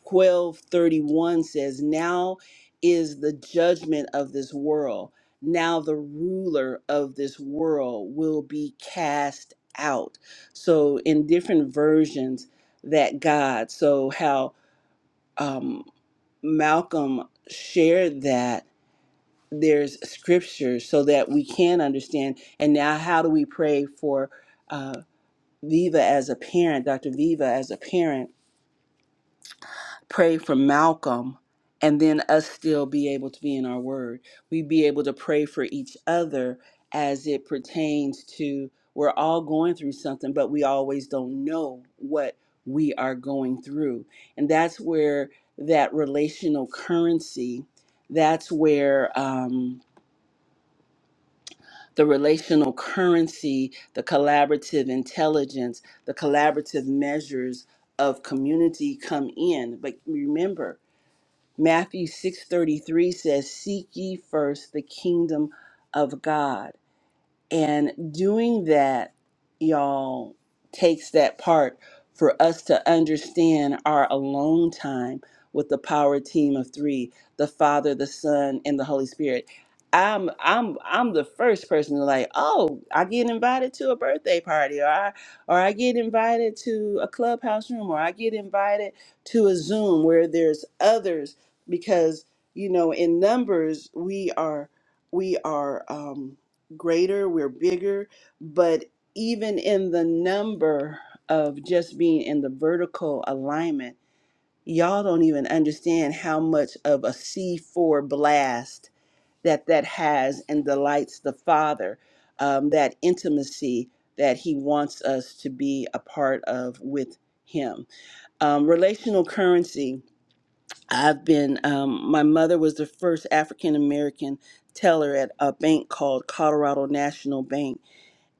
Speaker 3: twelve thirty one says, Now is the judgment of this world. Now the ruler of this world will be cast out. So, in different versions, that God, so how um, Malcolm shared that. There's scripture so that we can understand. And now, how do we pray for? uh, Viva as a parent, Dr. Viva as a parent, pray for Malcolm and then us still be able to be in our word. We be able to pray for each other as it pertains to we're all going through something, but we always don't know what we are going through. And that's where that relational currency, that's where. Um, the relational currency, the collaborative intelligence, the collaborative measures of community come in. But remember, Matthew 6:33 says, "Seek ye first the kingdom of God." And doing that, y'all, takes that part for us to understand our alone time with the power team of three, the Father, the Son, and the Holy Spirit. I'm I'm I'm the first person to like, oh, I get invited to a birthday party or I or I get invited to a clubhouse room or I get invited to a Zoom where there's others because you know in numbers we are we are um greater, we're bigger, but even in the number of just being in the vertical alignment, y'all don't even understand how much of a C4 blast that that has and delights the Father, um, that intimacy that He wants us to be a part of with Him. Um, relational currency. I've been, um, my mother was the first African American teller at a bank called Colorado National Bank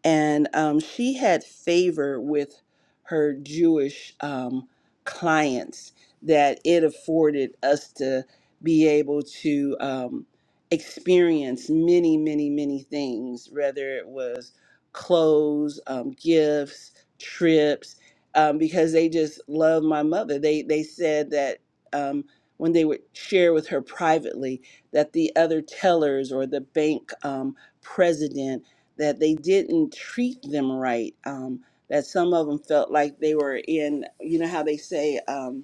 Speaker 3: and um, she had favor with her Jewish um, clients that it afforded us to be able to um, experience many, many, many things, whether it was clothes, um, gifts, trips, um, because they just loved my mother. They they said that. Um, when they would share with her privately that the other tellers or the bank um, president that they didn't treat them right. Um, that some of them felt like they were in, you know how they say. Um,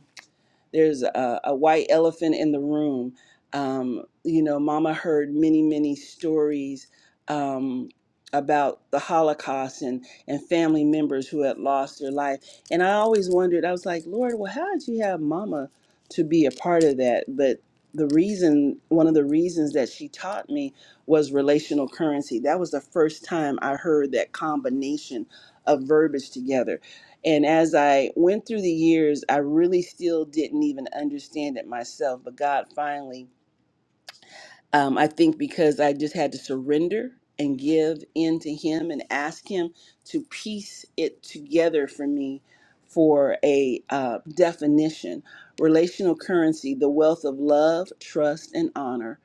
Speaker 3: there's a, a white elephant in the room. Um, you know, Mama heard many, many stories um, about the Holocaust and, and family members who had lost their life. And I always wondered, I was like, Lord, well, how did you have Mama to be a part of that? But the reason, one of the reasons that she taught me was relational currency. That was the first time I heard that combination of verbiage together and as I went through the years, I really still didn't even understand it myself. But God finally um, I think because I just had to surrender and give in to Him and ask Him to piece it together for me for a uh, definition. Relational currency, the wealth of love, trust, and honor.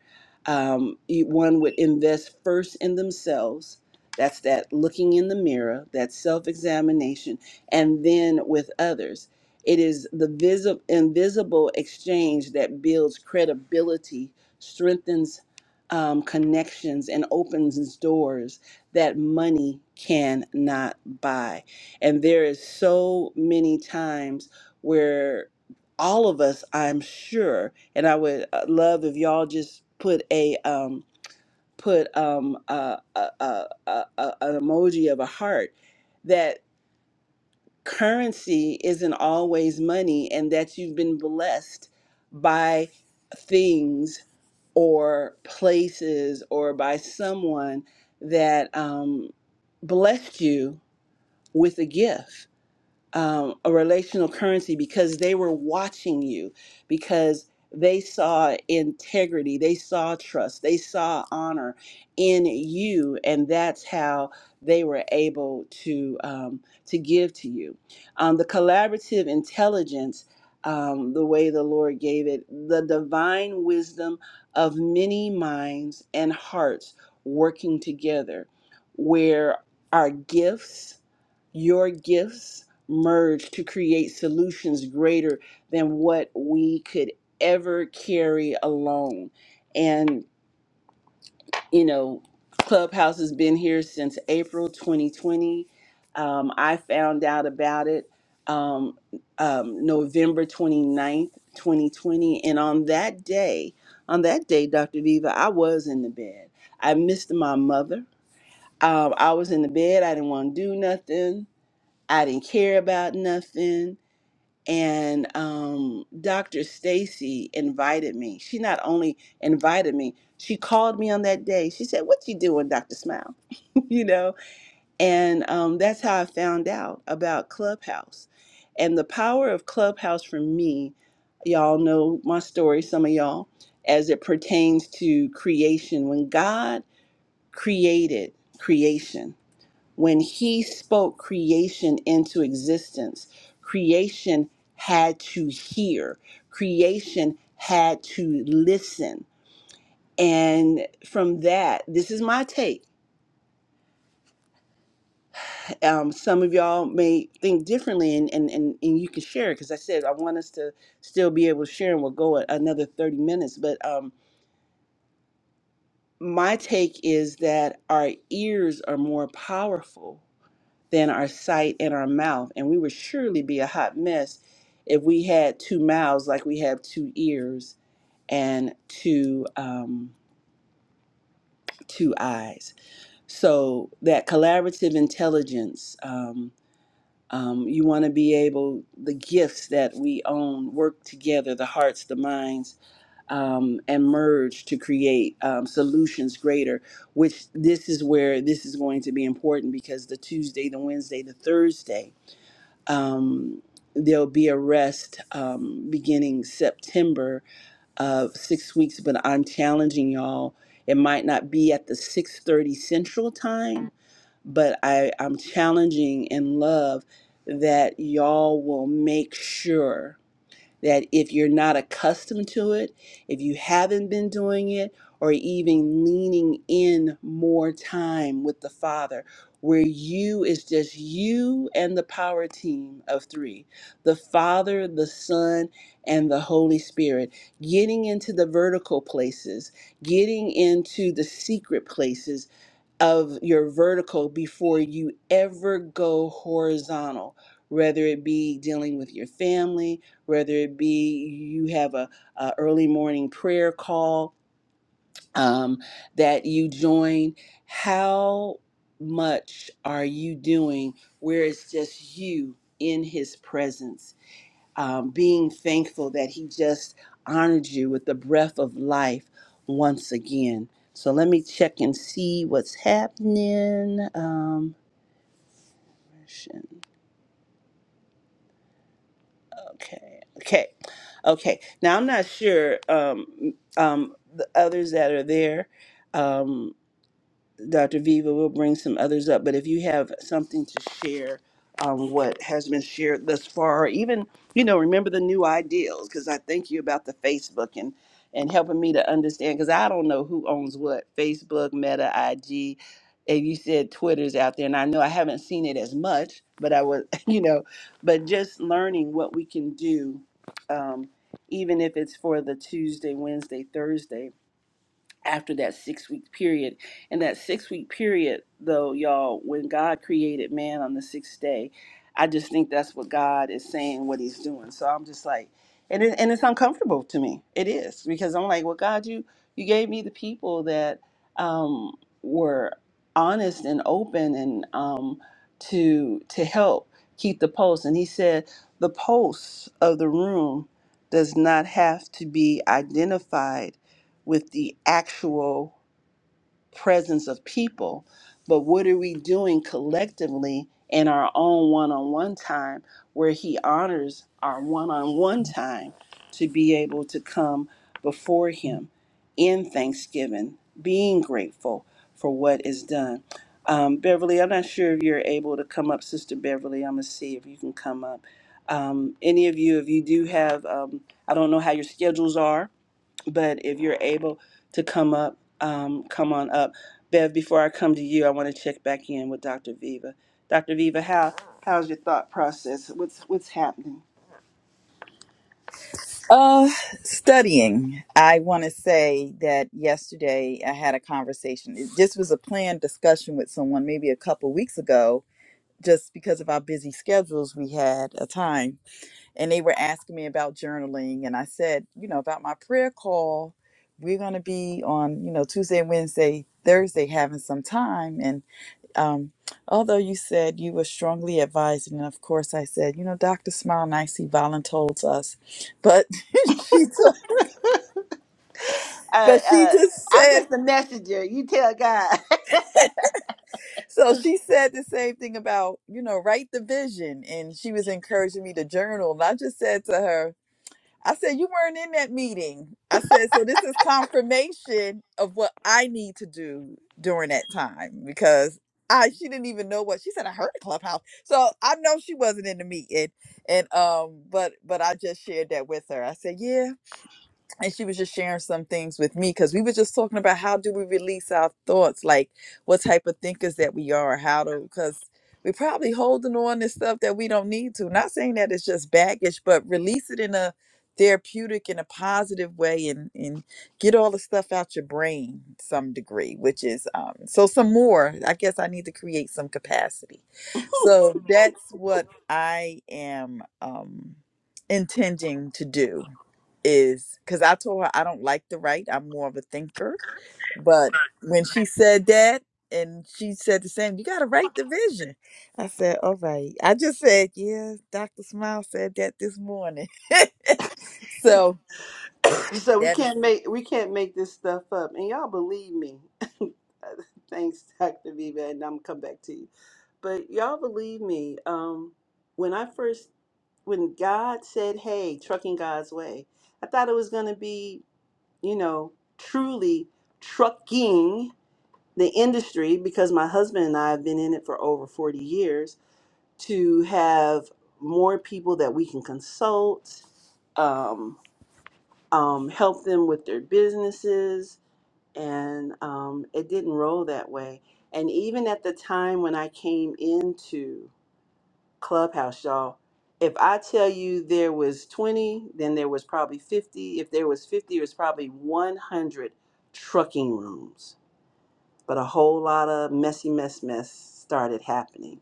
Speaker 3: Um, you- one would invest first in themselves. That's that looking in the mirror, that self examination, and then with others. It is the visi- invisible exchange that builds credibility strengthens um, connections and opens doors that money cannot buy. And there is so many times where all of us, I'm sure, and I would uh, love if y'all just put a um, put um, a, a, a, a, a- an emoji of a heart that currency isn't always money, and that you've been blessed by things or places or by someone that um, blessed you with a gift um, a relational currency because they were watching you, because they saw integrity, they saw trust, they saw honor in you, and that's how they were able to um, to give to you. Um, the collaborative intelligence, um, the way the Lord gave it, the divine wisdom of many minds and hearts working together, where our gifts, your gifts merge to create solutions greater than what we could ever carry alone. And, you know, Clubhouse has been here since April 2020. Um, I found out about it um, um, November 29th, 2020. And on that day, on that day, Dr. Viva, I was in the bed. I missed my mother. Um, I was in the bed. I didn't want to do nothing. I didn't care about nothing and um, Dr. Stacy invited me. She not only invited me, she called me on that day. She said, "What you doing, Dr. Smile?" you know, and um, that's how I found out about Clubhouse and the power of Clubhouse for me. Y'all know my story, some of y'all, as it pertains to creation. When God created creation when he spoke creation into existence, creation had to hear, creation had to listen. And from that, this is my take. Um, some of y'all may think differently, and, and, and, and you can share it. because I said I want us to still be able to share, and we'll go a- another 30 minutes. But um, my take is that our ears are more powerful than our sight and our mouth. And we would surely be a hot mess if we had two mouths like we have two ears and two um, two eyes. So that collaborative intelligence, um, um, you want to be able the gifts that we own work together, the hearts, the minds, um, and merge to create um, solutions greater. Which this is where this is going to be important because the Tuesday, the Wednesday, the Thursday Um, there'll be a rest um, beginning September of six weeks, but I'm challenging y'all. It might not be at the 6:30 Central time, but I, I'm challenging in love that y'all will make sure that if you're not accustomed to it, if you haven't been doing it, or even leaning in more time with the Father, where you is just you and the power team of three the Father, the Son, and the Holy Spirit, getting into the vertical places, getting into the secret places of your vertical before you ever go horizontal, whether it be dealing with your family, whether it be you have a, a early morning prayer call um, that you join. How much are you doing where it's just you in His presence? um, being thankful that He just honored you with the breath of life once again. So let me check and see what's happening. Um, okay, okay, okay. Now I'm not sure um, um, the others that are there. Um, Dr. Viva will bring some others up, but if you have something to share on what has been shared thus far, or even, you know, remember the new ideals, because I thank you about the Facebook and, and helping me to understand, because I don't know who owns what Facebook, Meta, IG. And you said Twitter's out there, and I know I haven't seen it as much, but I was, you know, but just learning what we can do, um, even if it's for the Tuesday, Wednesday, Thursday after that six week period. And that six week period, though, y'all, when God created man on the sixth day, I just think that's what God is saying, what He's doing. So I'm just like, and it, and it's uncomfortable to me. It is because I'm like, well, God, you you gave me the people that um, were honest and open and um, to to help keep the pulse. And He said the pulse of the room does not have to be identified with the actual presence of people, but what are we doing collectively in our own one on one time where He honors our one on one time to be able to come before Him in thanksgiving, being grateful for what is done? Um, Beverly, I'm not sure if you're able to come up, Sister Beverly. I'm going to see if you can come up. Um, any of you, if you do have, um, I don't know how your schedules are, but if you're able to come up, um, come on up. Bev, before I come to you, I want to check back in with Dr. Viva. Dr. Viva, how how's your thought process? What's what's happening?
Speaker 1: Uh, studying. I want to say that yesterday I had a conversation. It- This was a planned discussion with someone maybe a couple weeks ago. Just because of our busy schedules, we had a time, and they were asking me about journaling, and I said, you know, about my prayer call. We're going to be on, you know, Tuesday, Wednesday, Thursday, having some time, and um, although you said you were strongly advised, and of course I said, you know, Dr. Smile Nicey voluntold us, but she told,
Speaker 3: Uh,
Speaker 1: but she
Speaker 3: uh,
Speaker 1: just
Speaker 3: I'm
Speaker 1: said,
Speaker 3: just the messenger. You tell God.
Speaker 1: so she said the same thing about, you know, write the vision, and she was encouraging me to journal, and I just said to her. I said, You weren't in that meeting. I said, So this is confirmation of what I need to do during that time because I she didn't even know what she said. I heard clubhouse. So I know she wasn't in the meeting. And um, but but I just shared that with her. I said, Yeah, and she was just sharing some things with me because we were just talking about how do we release our thoughts like what type of thinkers that we are how to because we probably holding on to stuff that we don't need to not saying that it's just baggage but release it in a therapeutic in a positive way and and get all the stuff out your brain to some degree which is um so some more i guess i need to create some capacity so that's what i am um intending to do is because I told her I don't like to write. I'm more of a thinker. But when she said that, and she said the same, you got to write the vision. I said, all right. I just said, yeah, Dr. Smile said that this morning. so
Speaker 3: So we
Speaker 1: that is.
Speaker 3: can't make we can't make this stuff up, and y'all believe me. Thanks, Dr. Viva, and I'm gonna come back to you. But y'all believe me. Um, when I first when God said, "Hey, trucking God's way," I thought it was going to be, you know, truly trucking the industry because my husband and I have been in it for over 40 years to have more people that we can consult, um, um, help them with their businesses, and um, it didn't roll that way. And even at the time when I came into Clubhouse, y'all. If I tell you there was 20, then there was probably 50. If there was 50, it was probably 100 trucking rooms. But a whole lot of messy mess mess started happening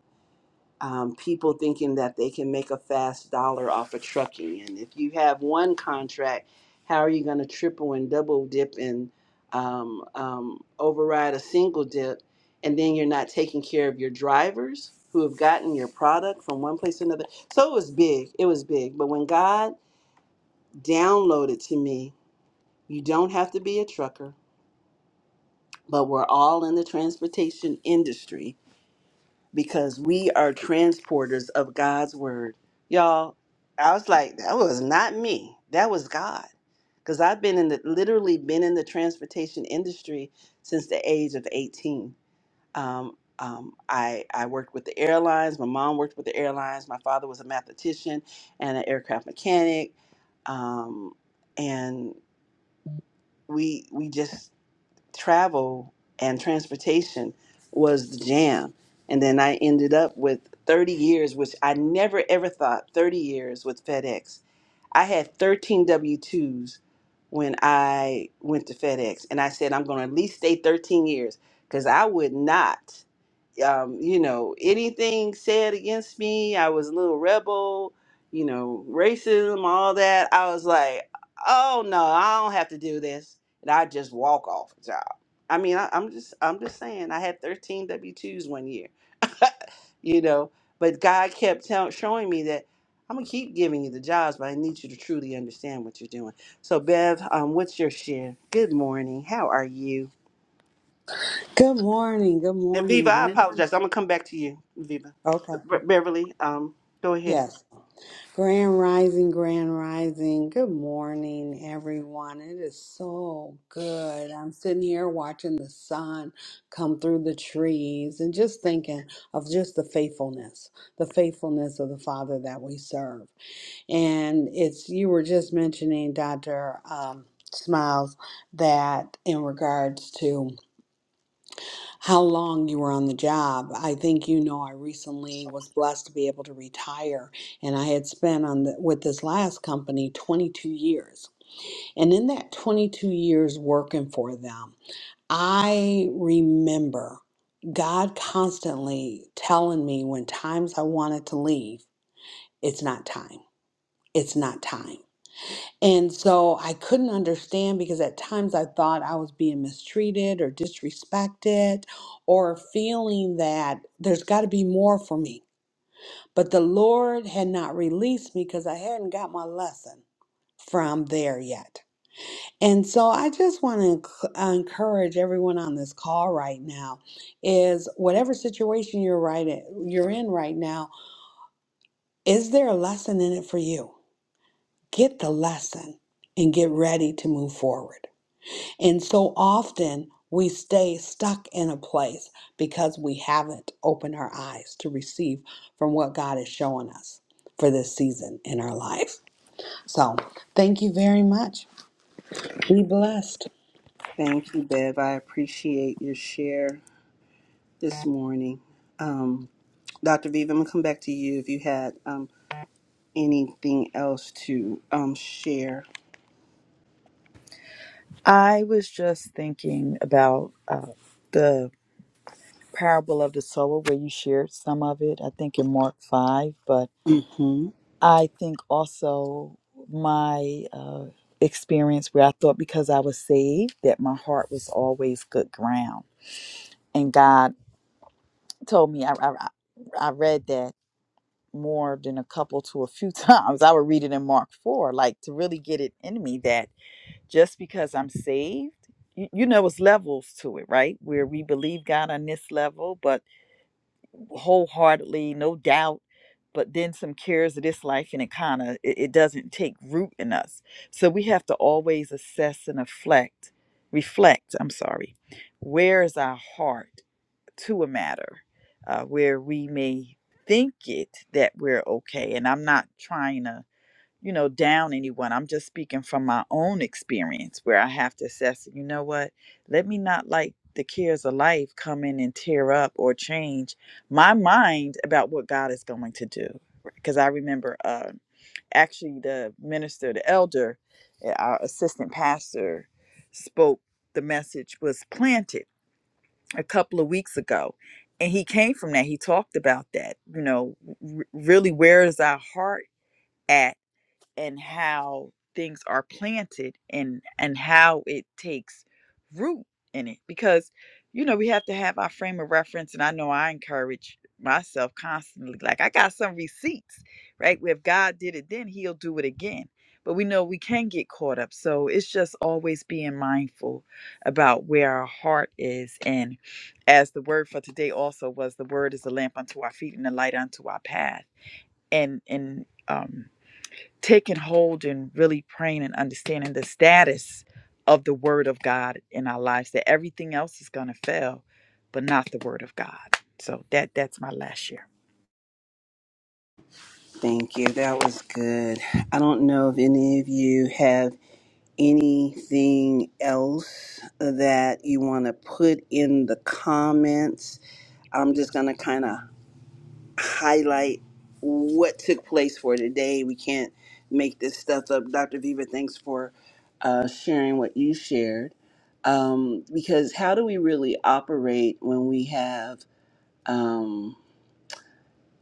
Speaker 3: um, people thinking that they can make a fast dollar off of trucking. And if you have one contract, how are you going to triple and double dip and um, um, override a single dip? And then you're not taking care of your drivers who have gotten your product from one place to another. So it was big. It was big. But when God downloaded to me, you don't have to be a trucker, but we're all in the transportation industry because we are transporters of God's word. Y'all, I was like, that was not me. That was God. Because I've been in the literally been in the transportation industry since the age of 18. Um, um, I, I worked with the airlines. My mom worked with the airlines. My father was a mathematician and an aircraft mechanic. Um, and we we just travel and transportation was the jam. And then I ended up with 30 years, which I never ever thought 30 years with FedEx. I had 13 W 2s when I went to FedEx. And I said, I'm going to at least stay 13 years because I would not um, you know, anything said against me, I was a little rebel, you know, racism, all that. I was like, oh no, I don't have to do this, and I just walk off the job. I mean, I, I'm just, I'm just saying, I had 13 W-2s one year, you know, but God kept tell, showing me that I'm gonna keep giving you the jobs, but I need you to truly understand what you're doing. So, Bev, um, what's your share? Good morning. How are you?
Speaker 4: Good morning, good
Speaker 3: And Viva,
Speaker 4: morning,
Speaker 3: I
Speaker 4: grand.
Speaker 3: apologize. I'm gonna come back to you, Viva.
Speaker 4: Okay,
Speaker 3: Be- Beverly, um, go ahead.
Speaker 4: yes, grand rising, grand rising. Good morning, everyone. It is so good. I'm sitting here watching the sun come through the trees and just thinking of just the faithfulness, the faithfulness of the Father that we serve. And it's you were just mentioning, Doctor um, Smiles, that in regards to. how long you were on the job. I think you know I recently was blessed to be able to retire and I had spent on the, with this last company 22 years. And in that 22 years working for them, I remember God constantly telling me when times I wanted to leave, it's not time. It's not time. And so I couldn't understand because at times I thought I was being mistreated or disrespected or feeling that there's got to be more for me. But the Lord had not released me because I hadn't got my lesson from there yet. And so I just want to encourage everyone on this call right now is whatever situation you're right in, you're in right now, is there a lesson in it for you? Get the lesson and get ready to move forward. And so often we stay stuck in a place because we haven't opened our eyes to receive from what God is showing us for this season in our life. So thank you very much. Be blessed.
Speaker 3: Thank you, Bev. I appreciate your share this morning. Um, Dr. Viva, I'm going to come back to you if you had um, anything else to um, share.
Speaker 1: I was just thinking about uh, the parable of the sower where you shared some of it, I think in Mark 5, but
Speaker 3: hmm
Speaker 1: I think also my uh, experience where I thought because I was saved that my heart was always good ground. And God told me, I, I, I read that more than a couple to a few times. I would read it in Mark 4, like to really get it in me that just because I'm saved, you, you know, it's levels to it, right? Where we believe God on this level, but wholeheartedly, no doubt. But then some cares of this life, and it kind of it, it doesn't take root in us. So we have to always assess and reflect. Reflect. I'm sorry. Where is our heart to a matter, uh, where we may think it that we're okay? And I'm not trying to you know, down anyone. I'm just speaking from my own experience where I have to assess, you know what, let me not like the cares of life come in and tear up or change my mind about what God is going to do. Because I remember uh, actually the minister, the elder, uh, our assistant pastor spoke, the message was planted a couple of weeks ago. And he came from that. He talked about that, you know, r- really, where is our heart? at? and how things are planted and and how it takes root in it because you know we have to have our frame of reference and i know i encourage myself constantly like i got some receipts right Well, if god did it then he'll do it again but we know we can get caught up so it's just always being mindful about where our heart is and as the word for today also was the word is a lamp unto our feet and a light unto our path and and um taking hold and really praying and understanding the status of the word of God in our lives that everything else is going to fail but not the word of God. So that that's my last share.
Speaker 3: Thank you. That was good. I don't know if any of you have anything else that you want to put in the comments. I'm just going to kind of highlight what took place for today. We can't make this stuff up. Dr. Viva, thanks for uh, sharing what you shared. Um, because how do we really operate when we have um,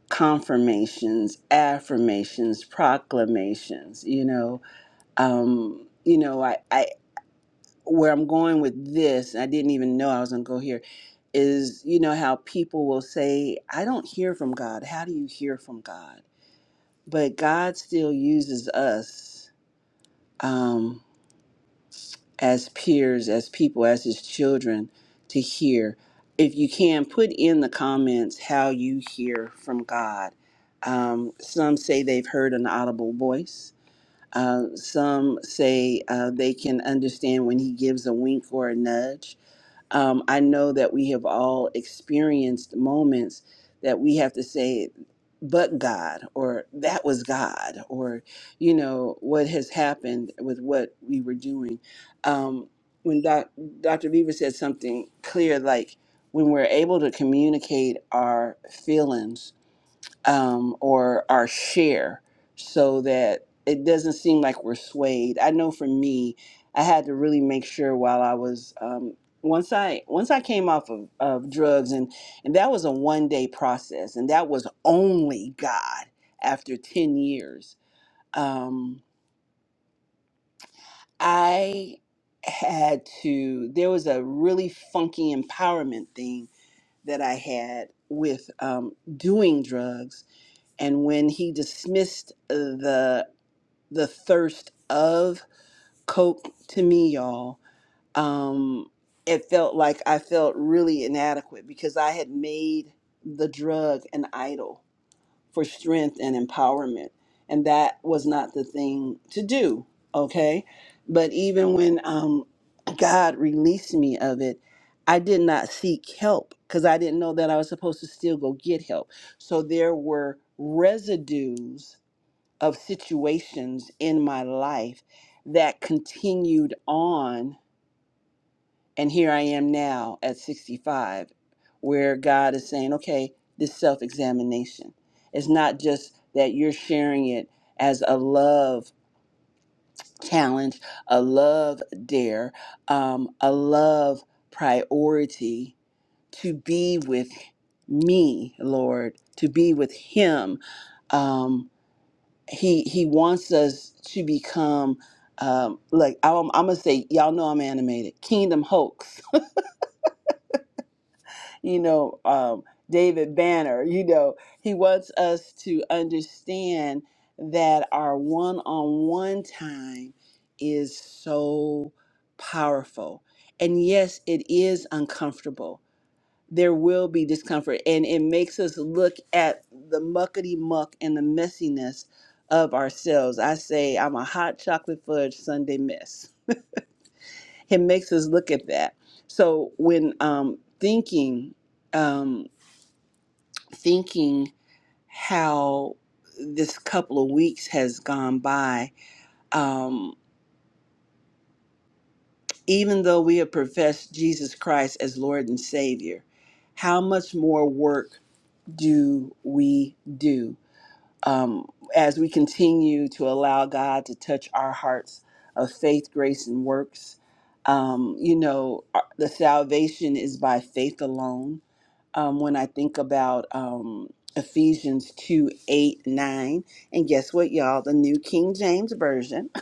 Speaker 3: confirmations, affirmations, proclamations? You know, um, you know, I, I where I'm going with this, I didn't even know I was going to go here. Is you know how people will say, "I don't hear from God." How do you hear from God? but God still uses us um, as peers, as people, as His children to hear. If you can, put in the comments how you hear from God. Um, some say they've heard an audible voice. Uh, some say uh, they can understand when He gives a wink or a nudge. Um, I know that we have all experienced moments that we have to say, but God, or that was God, or, you know, what has happened with what we were doing. Um, when doc, Dr. Beaver said something clear, like when we're able to communicate our feelings um, or our share so that it doesn't seem like we're swayed. I know for me, I had to really make sure while I was um, once I once I came off of, of drugs and and that was a one day process and that was only God after 10 years. Um, I had to there was a really funky empowerment thing that I had with um, doing drugs and when he dismissed uh, the the thirst of coke to me y'all um it felt like i felt really inadequate because i had made the drug an idol for strength and empowerment and that was not the thing to do okay but even when um god released me of it i did not seek help because i didn't know that i was supposed to still go get help so there were residues of situations in my life that continued on. And here I am now at 65, where God is saying, okay, this self examination. It's not just that you're sharing it as a love challenge, a love dare, um, a love priority to be with me, Lord, to be with Him. Um, he he wants us to become um like I'm, I'm gonna say y'all know i'm animated kingdom hoax you know um david banner you know he wants us to understand that our one-on-one time is so powerful and yes it is uncomfortable there will be discomfort and it makes us look at the muckety muck and the messiness of ourselves i say i'm a hot chocolate fudge sunday mess it makes us look at that so when um, thinking um, thinking how this couple of weeks has gone by um, even though we have professed jesus christ as lord and savior how much more work do we do um, as we continue to allow God to touch our hearts of faith, grace, and works. Um, you know, our- the salvation is by faith alone um, when I think about um, Ephesians 2 8 9, And guess what, y'all? The New King James Version.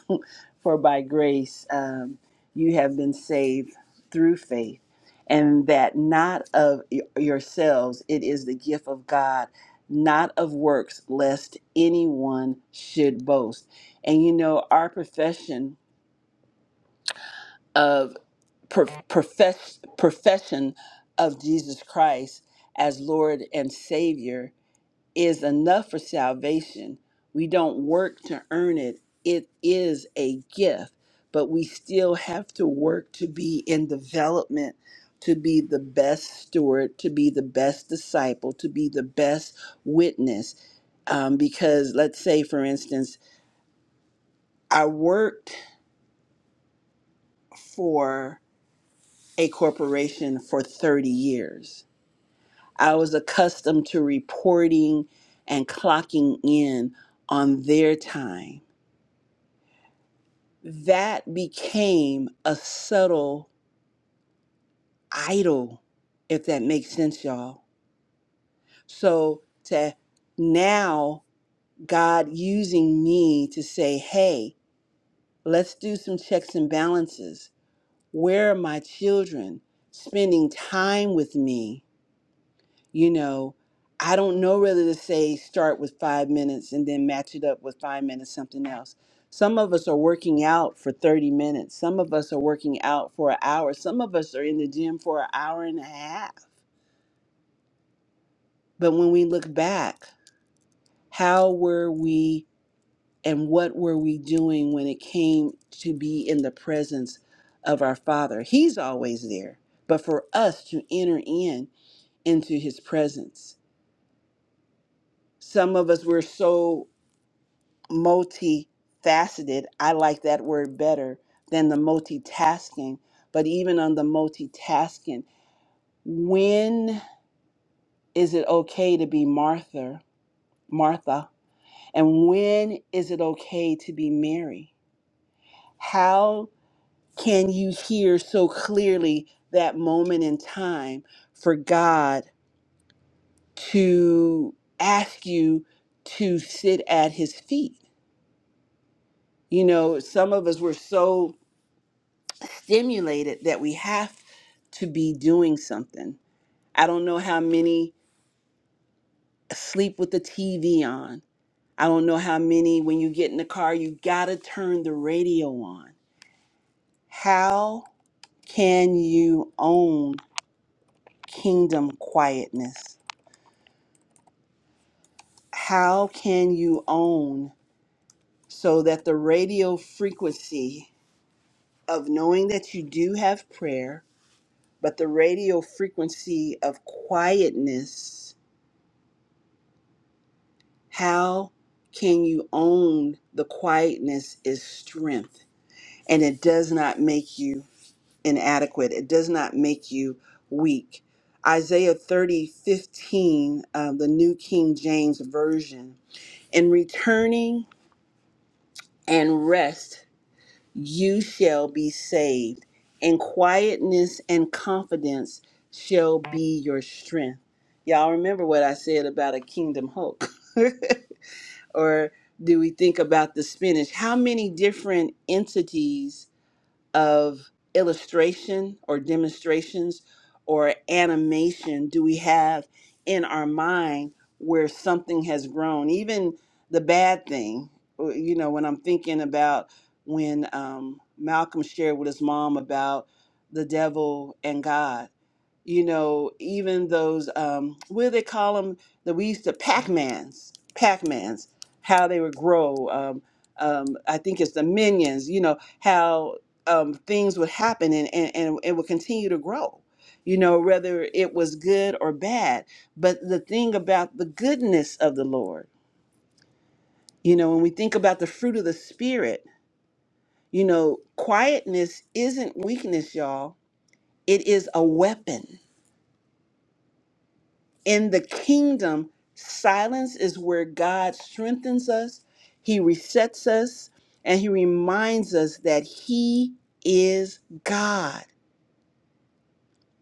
Speaker 3: For by grace um, you have been saved through faith, and that not of y- yourselves, it is the gift of God, not of works, lest anyone should boast. And you know, our profession. of per- profess- profession of Jesus Christ as Lord and Savior is enough for salvation. We don't work to earn it, it is a gift, but we still have to work to be in development. To be the best steward, to be the best disciple, to be the best witness. Um, because, let's say, for instance, I worked for a corporation for 30 years I was accustomed to reporting and clocking in on their time. That became a subtle idol, if that makes sense, y'all. So to now God using me to say, hey, let's do some checks and balances. Where are my children spending time with me? you know, I don't know whether to say start with five minutes and then match it up with five minutes, something else. Some of us are working out for 30 minutes. Some of us are working out for an hour. Some of us are in the gym for an hour and a half. But when we look back, how were we and what were we doing when it came to be in the presence of our Father? He's always there. But for us to enter in into his presence, some of us were so multifaceted. I like that word better than the multitasking. But even on the multitasking, when is it okay to be Martha, Martha, and when is it okay to be Mary? How can you hear so clearly that moment in time for God to ask you to sit at his feet? You know, some of us were so stimulated that we have to be doing something. I don't know how many sleep with the TV on. I don't know how many when you get in the car, you got to turn the radio on. How can you own kingdom quietness? How can you own so that the radio frequency of knowing that you do have prayer, but the radio frequency of quietness How can you own the quietness is strength and it does not make you inadequate. It does not make you weak. Isaiah thirty fifteen 15, uh, the New King James Version. In returning and rest, you shall be saved. And quietness and confidence shall be your strength. Y'all remember what I said about a kingdom hope. or do we think about the spinach? How many different entities of illustration or demonstrations or animation do we have in our mind where something has grown even the bad thing uh, you know when i'm thinking about when um, malcolm shared with his mom about the devil and god you know even those um, what do they call them that we used to pac-mans pac-mans how they would grow um, um, i think it's the minions you know how um, things would happen and, and, and it would continue to grow, you know, whether it was good or bad. But the thing about the goodness of the Lord, you know, when we think about the fruit of the Spirit, you know, quietness isn't weakness, y'all. It is a weapon. In the kingdom, silence is where God strengthens us, He resets us, and He reminds us that He is God.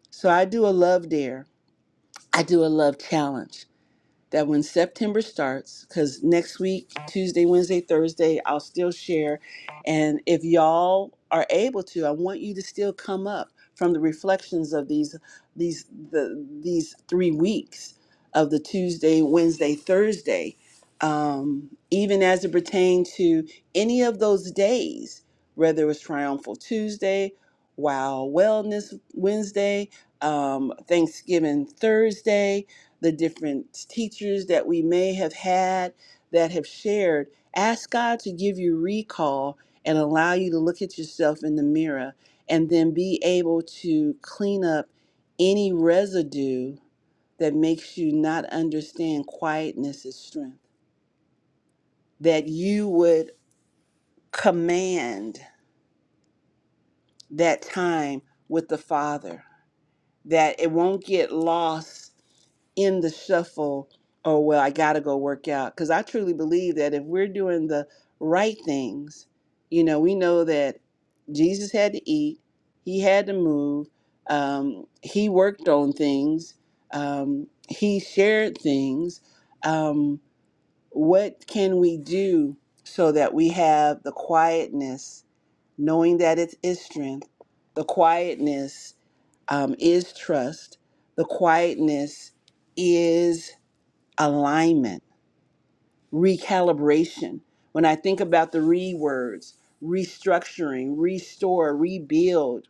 Speaker 3: So I do a love dare I do a love challenge that when September starts, because next week, Tuesday, Wednesday, Thursday, I'll still share. And if y'all are able to, I want you to still come up from the reflections of these these the these three weeks of the Tuesday, Wednesday, Thursday, um, even as it pertained to any of those days, whether it was Triumphal Tuesday, Wow Wellness Wednesday, um, Thanksgiving Thursday the different teachers that we may have had that have shared, ask God to give you recall and allow you to look at yourself in the mirror and then be able to clean up any residue that makes you not understand quietness is strength. That you would command that time with the Father, that it won't get lost in the shuffle oh well i gotta go work out because i truly believe that if we're doing the right things you know we know that jesus had to eat he had to move um, he worked on things um, he shared things um, what can we do so that we have the quietness knowing that it is strength the quietness um, is trust the quietness is alignment, recalibration. When I think about the re words, restructuring, restore, rebuild,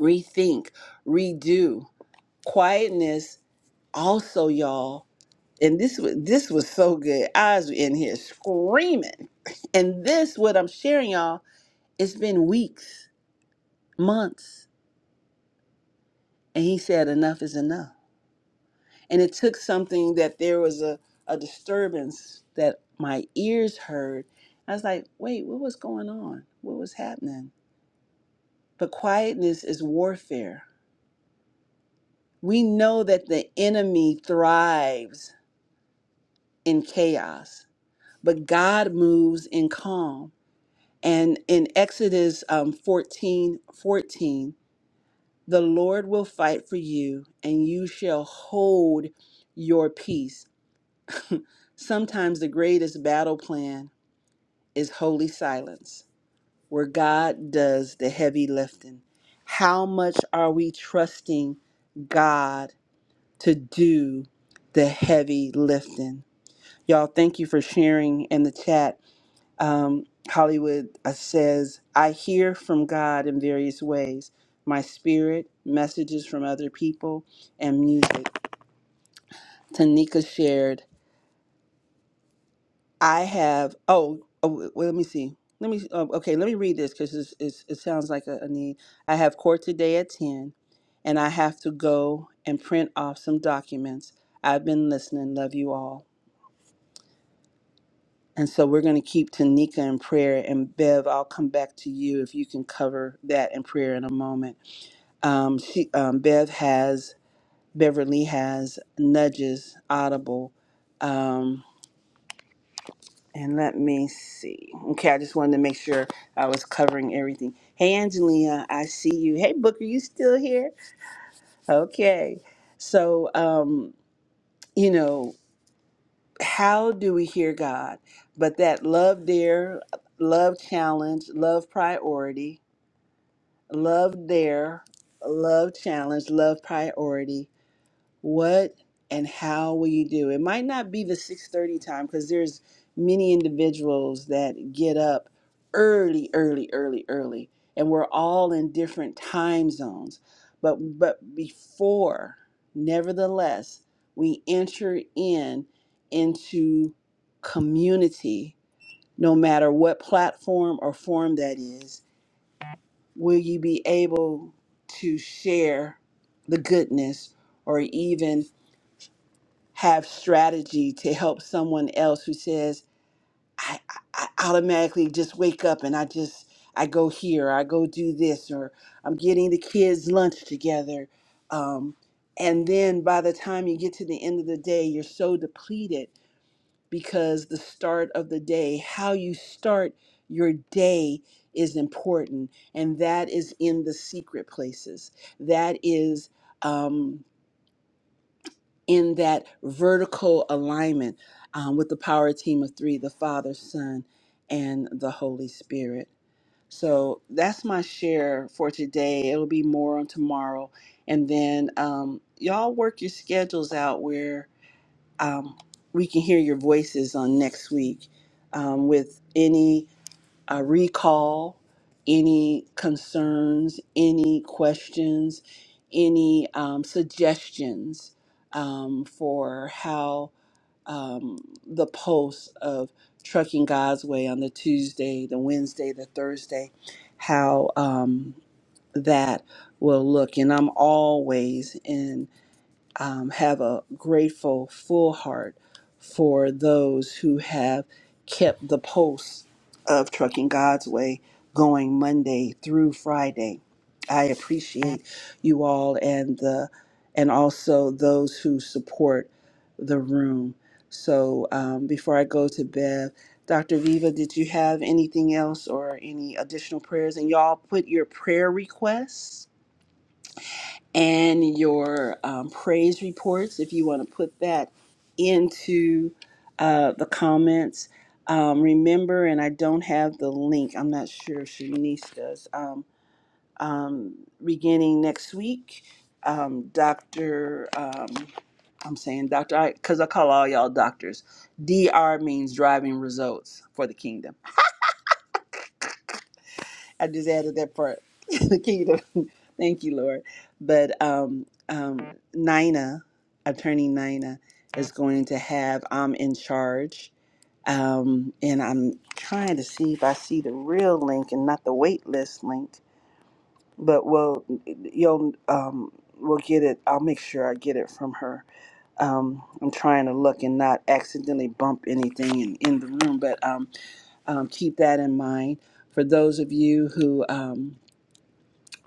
Speaker 3: rethink, redo, quietness, also, y'all. And this was this was so good. I was in here screaming. And this, what I'm sharing, y'all, it's been weeks, months. And he said, enough is enough. And it took something that there was a, a disturbance that my ears heard. I was like, wait, what was going on? What was happening? But quietness is warfare. We know that the enemy thrives in chaos, but God moves in calm. And in Exodus um, 14 fourteen, the Lord will fight for you, and you shall hold your peace. Sometimes the greatest battle plan is holy silence, where God does the heavy lifting. How much are we trusting God to do the heavy lifting? Y'all, thank you for sharing in the chat. Um, Hollywood uh, says, I hear from God in various ways my spirit, messages from other people, and music. Tanika shared, I have. Oh, oh w- well, let me see. Let me. Um, okay, let me read this because it's, it sounds like a, a need. I have court today at ten, and I have to go and print off some documents. I've been listening. Love you all. And so we're going to keep Tanika in prayer. And Bev, I'll come back to you if you can cover that in prayer in a moment. Um, she, um, Bev has Beverly has nudges audible. Um, And let me see. Okay, I just wanted to make sure I was covering everything. Hey, Angelina, I see you. Hey, Booker, you still here? Okay. So, um, you know, how do we hear God? But that love there, love challenge, love priority, love there, love challenge, love priority. what and how will you do it might not be the 6.30 time because there's many individuals that get up early early early early and we're all in different time zones but but before nevertheless we enter in into community no matter what platform or form that is will you be able to share the goodness or even have strategy to help someone else who says I, I I automatically just wake up and I just I go here I go do this or I'm getting the kids lunch together um, and then by the time you get to the end of the day you're so depleted because the start of the day how you start your day is important and that is in the secret places that is um, in that vertical alignment um, with the power team of three the Father, Son, and the Holy Spirit. So that's my share for today. It'll be more on tomorrow. And then um, y'all work your schedules out where um, we can hear your voices on next week um, with any I recall any concerns, any questions, any um, suggestions um, for how um, the posts of Trucking God's Way on the Tuesday, the Wednesday, the Thursday, how um, that will look. And I'm always in um, have a grateful, full heart for those who have kept the pulse of Trucking God's Way going Monday through Friday. I appreciate you all and the and also those who support the room. So um, before I go to Bev, Dr. Viva, did you have anything else or any additional prayers? And y'all put your prayer requests and your um, praise reports if you want to put that into uh, the comments. Um, remember, and I don't have the link, I'm not sure if Shanice does. Um, um, beginning next week, um, Dr. Um, I'm saying Dr. because I 'cause I call all y'all doctors. DR means driving results for the kingdom. I just added that part. the kingdom. Thank you, Lord. But um, um, Nina, attorney Nina, is going to have I'm in charge. Um, and I'm trying to see if I see the real link and not the wait list link. But we'll you'll um, we'll get it. I'll make sure I get it from her. Um, I'm trying to look and not accidentally bump anything in, in the room, but um, um, keep that in mind for those of you who Um,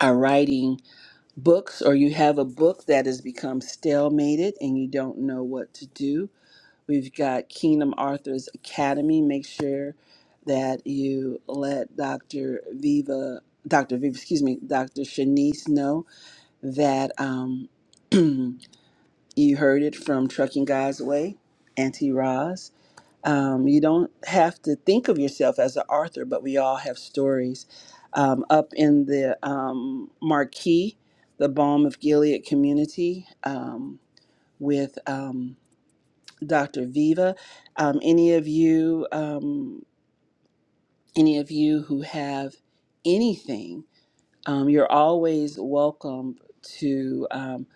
Speaker 3: are writing books or you have a book that has become stalemated and you don't know what to do, we've got Kingdom Arthur's Academy. Make sure that you let Dr. Viva, Dr. Viva, excuse me, Dr. Shanice know that um, you heard it from Trucking God's Way, Auntie Roz. Um, you don't have to think of yourself as an author, but we all have stories. Um, up in the um, Marquee, the Balm of Gilead community um, with um, Dr. Viva. Um, any of you, um, any of you who have anything um, you're always welcome to um,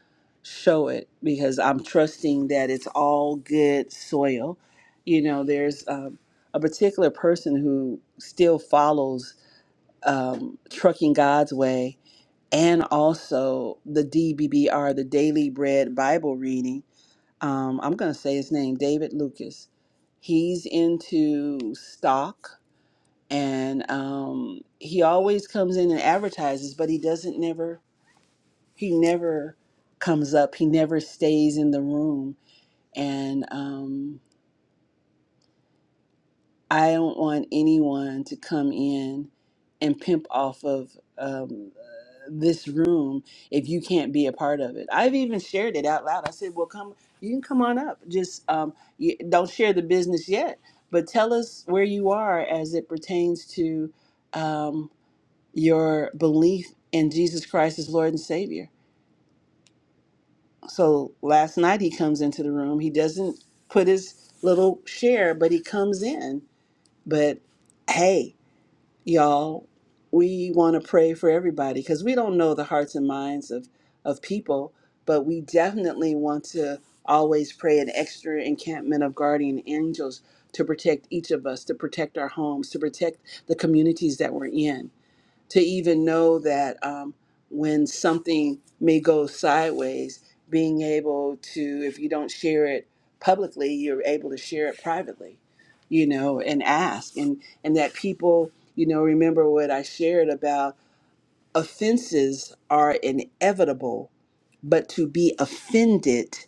Speaker 3: show it because I'm trusting that it's all good soil. You know, there's um, a particular person who still follows um, Trucking God's Way and also the DBBR, the Daily Bread Bible Reading. Um, I'm going to say his name, David Lucas. He's into stock and um, he always comes in and advertises, but he doesn't never he never comes up, he never stays in the room. And um, I don't want anyone to come in and pimp off of um, this room if you can't be a part of it. I've even shared it out loud. I said, Well, come, you can come on up. Just um, you, don't share the business yet, but tell us where you are as it pertains to um, your belief in Jesus Christ as Lord and Savior So last night he comes into the room. He doesn't put his little share, but he comes in. But hey, y'all, we want to pray for everybody because we don't know the hearts and minds of of people, but we definitely want to always pray an extra encampment of guardian angels to protect each of us, to protect our homes, to protect the communities that we're in to even know that um, when something may go sideways, being able to, if you don't share it publicly, you're able to share it privately, you know, and ask. And, and that people, you know, remember what I shared about offenses are inevitable, but to be offended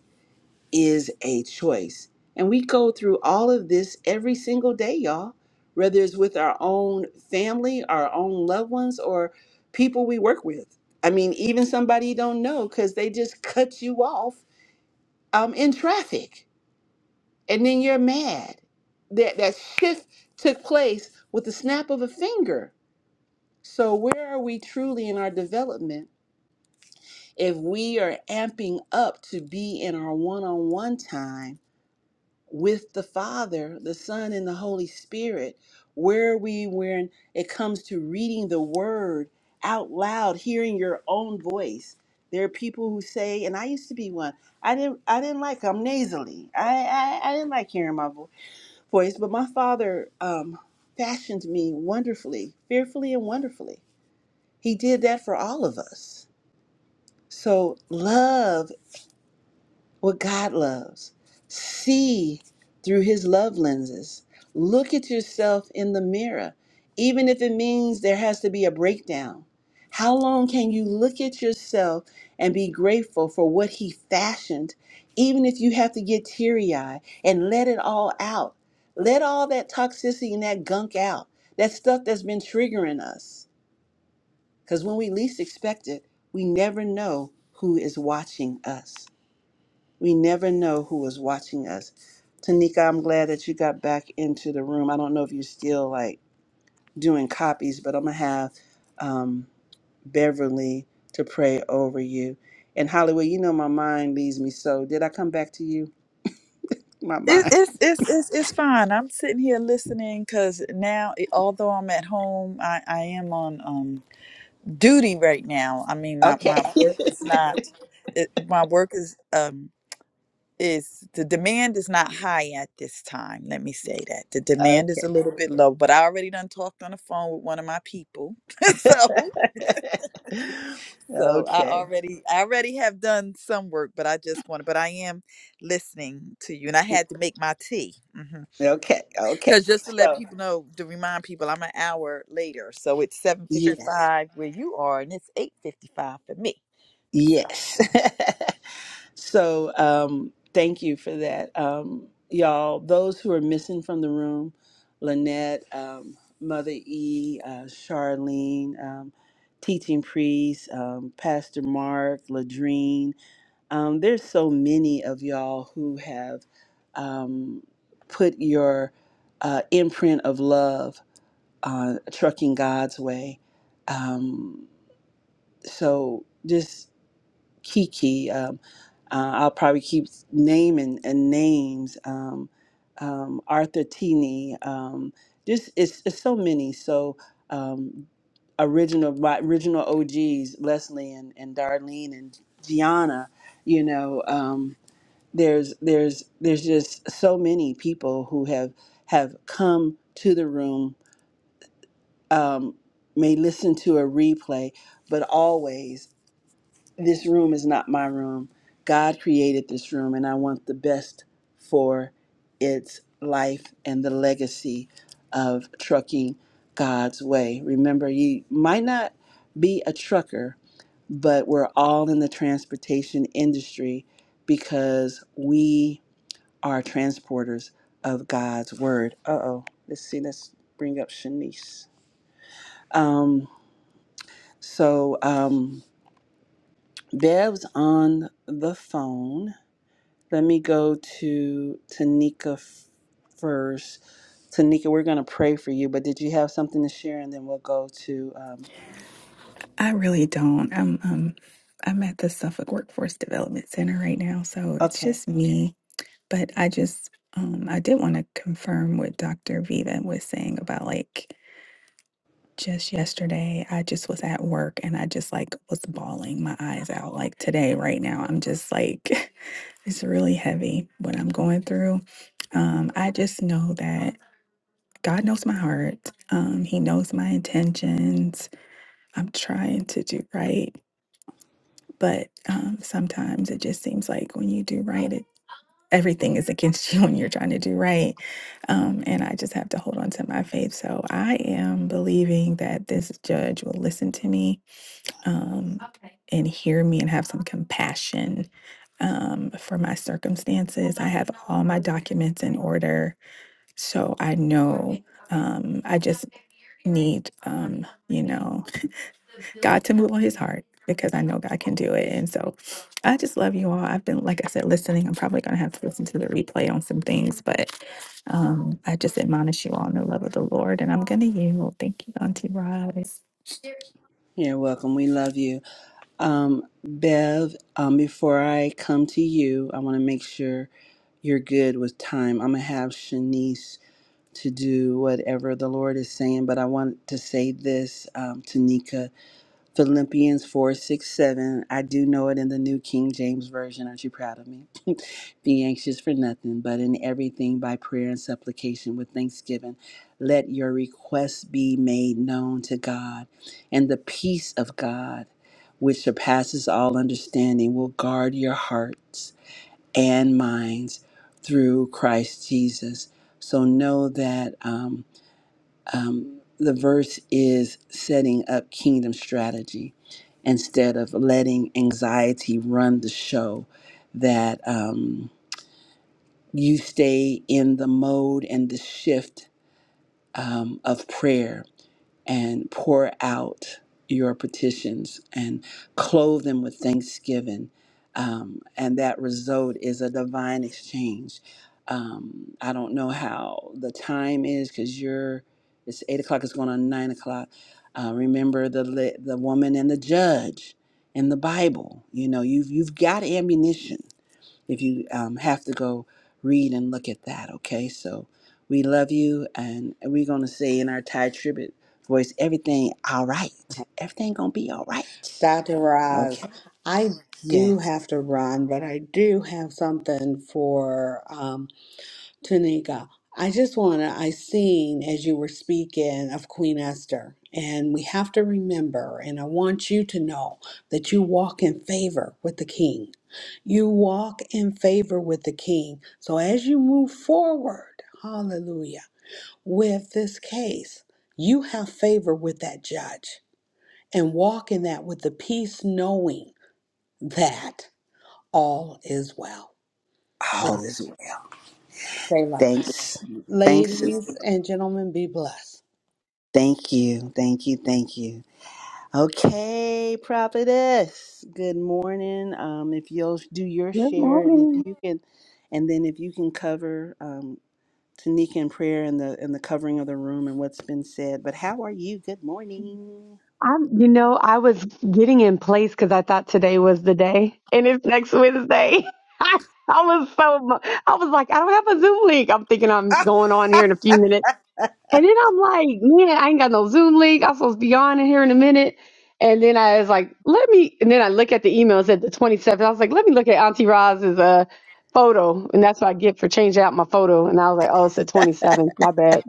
Speaker 3: is a choice. And we go through all of this every single day, y'all, whether it's with our own family, our own loved ones, or people we work with. I mean, even somebody you don't know because they just cut you off um, in traffic and then you're mad. That, that shift took place with the snap of a finger. So, where are we truly in our development if we are amping up to be in our one on one time? with the Father, the Son, and the Holy Spirit. Where we when it comes to reading the Word out loud, hearing your own voice? There are people who say, and I used to be one. I didn't. I didn't like. I'm nasally. I. I, I didn't like hearing my vo- voice. But my father um, fashioned me wonderfully, fearfully and wonderfully. He did that for all of us. So love what God loves. See through his love lenses. Look at yourself in the mirror, even if it means there has to be a breakdown. How long can you look at yourself and be grateful for what he fashioned, even if you have to get teary eyed and let it all out? Let all that toxicity and that gunk out, that stuff that's been triggering us. Because when we least expect it, we never know who is watching us. We never know who is watching us. Tanika, I'm glad that you got back into the room. I don't know if you're still like doing copies, but I'm gonna have um, Beverly to pray over you. And Hollywood, you know my mind leaves me. So did I come back to you? My
Speaker 1: It,
Speaker 3: mind.
Speaker 1: it's, it's it's it's fine. I'm sitting here listening because now, it- although I'm at home, I, I am on um, duty right now. I mean, my,
Speaker 3: Okay.
Speaker 1: my work is not, it, my work is um, is the demand is not high at this time. Let me say that. The demand is
Speaker 3: okay.
Speaker 1: a little bit low, but I already done talked on the phone with one of my people. so so I
Speaker 3: okay.
Speaker 1: already I already have done some work, but I just want to but I am listening to you and I had to make my tea. hmm
Speaker 3: Okay. Okay.
Speaker 1: Cause just to let
Speaker 3: So
Speaker 1: people know, to remind people I'm an hour later. So it's seven fifty
Speaker 3: yes.
Speaker 1: five where you are and it's eight fifty five for me. So.
Speaker 3: Yes. So um, thank you for that, um, y'all. Those who are missing from the room, Lynette, um, Mother E, uh, Charlene, um, Teaching Priest, um, Pastor Mark, Ladrine. Um, there's so many of y'all who have um, put your uh, imprint of love on trucking God's way. Um, so just Kiki. Um, uh, I'll probably keep naming and names. Um, um, Arthur Tini. Um, just it's, it's so many. So um, original my original OGs, Leslie and, and Darlene and Gianna. You know, um, there's there's there's just so many people who have have come to the room. Um, may listen to a replay, but always this room is not my room. God created this room, and I want the best for its life and the legacy of trucking God's way. Remember, you might not be a trucker, but we're all in the transportation industry because we are transporters of God's word. Uh oh, let's see, let's bring up Shanice. Um, so, um, Bev's on the phone Let me go to Tanika f- first. Tanika, we're going to pray for you, but did you have something to share? And then we'll go to. Um,
Speaker 5: I really don't. I'm um I'm at the Suffolk Workforce Development Center right now, so it's
Speaker 3: okay.
Speaker 5: just me. But I just um I did want to confirm what Dr. Viva was saying about like just yesterday I just was at work and I just like was bawling my eyes out. Like today right now I'm just like it's really heavy what I'm going through. Um I just know that God knows my heart. Um he knows my intentions. I'm trying to do right But um, sometimes it just seems like when you do right, it everything is against you when you're trying to do right. Um, and I just have to hold on to my faith. So I am believing that this judge will listen to me um, Okay. and hear me and have some compassion um, for my circumstances. I have all my documents in order. So I know um, I just need, um, you know. God to move on his heart because I know God can do it. And so I just love you all. I've been, like I said, listening. I'm probably going to have to listen to the replay on some things, but um, I just admonish you all in the love of the Lord. And I'm going to yield. Thank you, Auntie Rod.
Speaker 3: You're welcome. We love you. Um, Bev, um, before I come to you, I want to make sure you're good with time. I'm going to have Shanice to do whatever the Lord is saying, but I want to say this, um, Tanika. Philippians 4 6 7. I do know it in the New King James Version. Aren't you proud of me? Be anxious for nothing, but in everything by prayer and supplication with thanksgiving, let your requests be made known to God. And the peace of God, which surpasses all understanding, will guard your hearts and minds through Christ Jesus. So know that um, um, the verse is setting up kingdom strategy instead of letting anxiety run the show that. Um, you stay in the mode and the shift um, of prayer and pour out your petitions and clothe them with thanksgiving. Um, and that result is a divine exchange. Um, I don't know how the time is because you're, it's eight o'clock, it's going on nine o'clock. Uh, remember the, li- the woman and the judge in the Bible. You know, you've, you've got ammunition if you um, have to go read and look at that, okay? So we love you, and we're going to say in our Thai tribute voice, everything all right. Everything going to be all right,
Speaker 4: Dr. Roz,
Speaker 3: okay?
Speaker 4: I
Speaker 3: Yes.
Speaker 4: do have to run, but I do have something for. um, Tanika, I just want to, I seen as you were speaking of Queen Esther, and we have to remember, and I want you to know that you walk in favor with the king. You walk in favor with the king. So as you move forward, hallelujah, with this case, you have favor with that judge and walk in that with the peace, knowing that all is well.
Speaker 3: All
Speaker 4: So,
Speaker 3: this way.
Speaker 4: Selah.
Speaker 3: Thanks. Thanks, sister.
Speaker 4: Ladies and gentlemen, be blessed.
Speaker 3: Thank you. Thank you. Thank you. Okay, prophetess. Good morning. Um, if you'll do your
Speaker 6: Good
Speaker 3: share, and if
Speaker 6: morning.
Speaker 3: you can, and then if you can cover. um, Tanika in prayer and the and the covering of the room and what's been said. But how are you? Good morning.
Speaker 6: I'm, you know, I was getting in place because I thought today was the day, and it's next Wednesday. I, I was so, mu- I was like, I don't have a Zoom link. I'm thinking I'm going on here in a few minutes, and then I'm like, man, I ain't got no Zoom link. I'm supposed to be on in here in a minute, and then I was like, let me. And then I look at the email it said the 27th. I was like, let me look at Auntie Roz's uh photo, and that's what I get for changing out my photo. And I was like, oh, it's the 27th. My bad.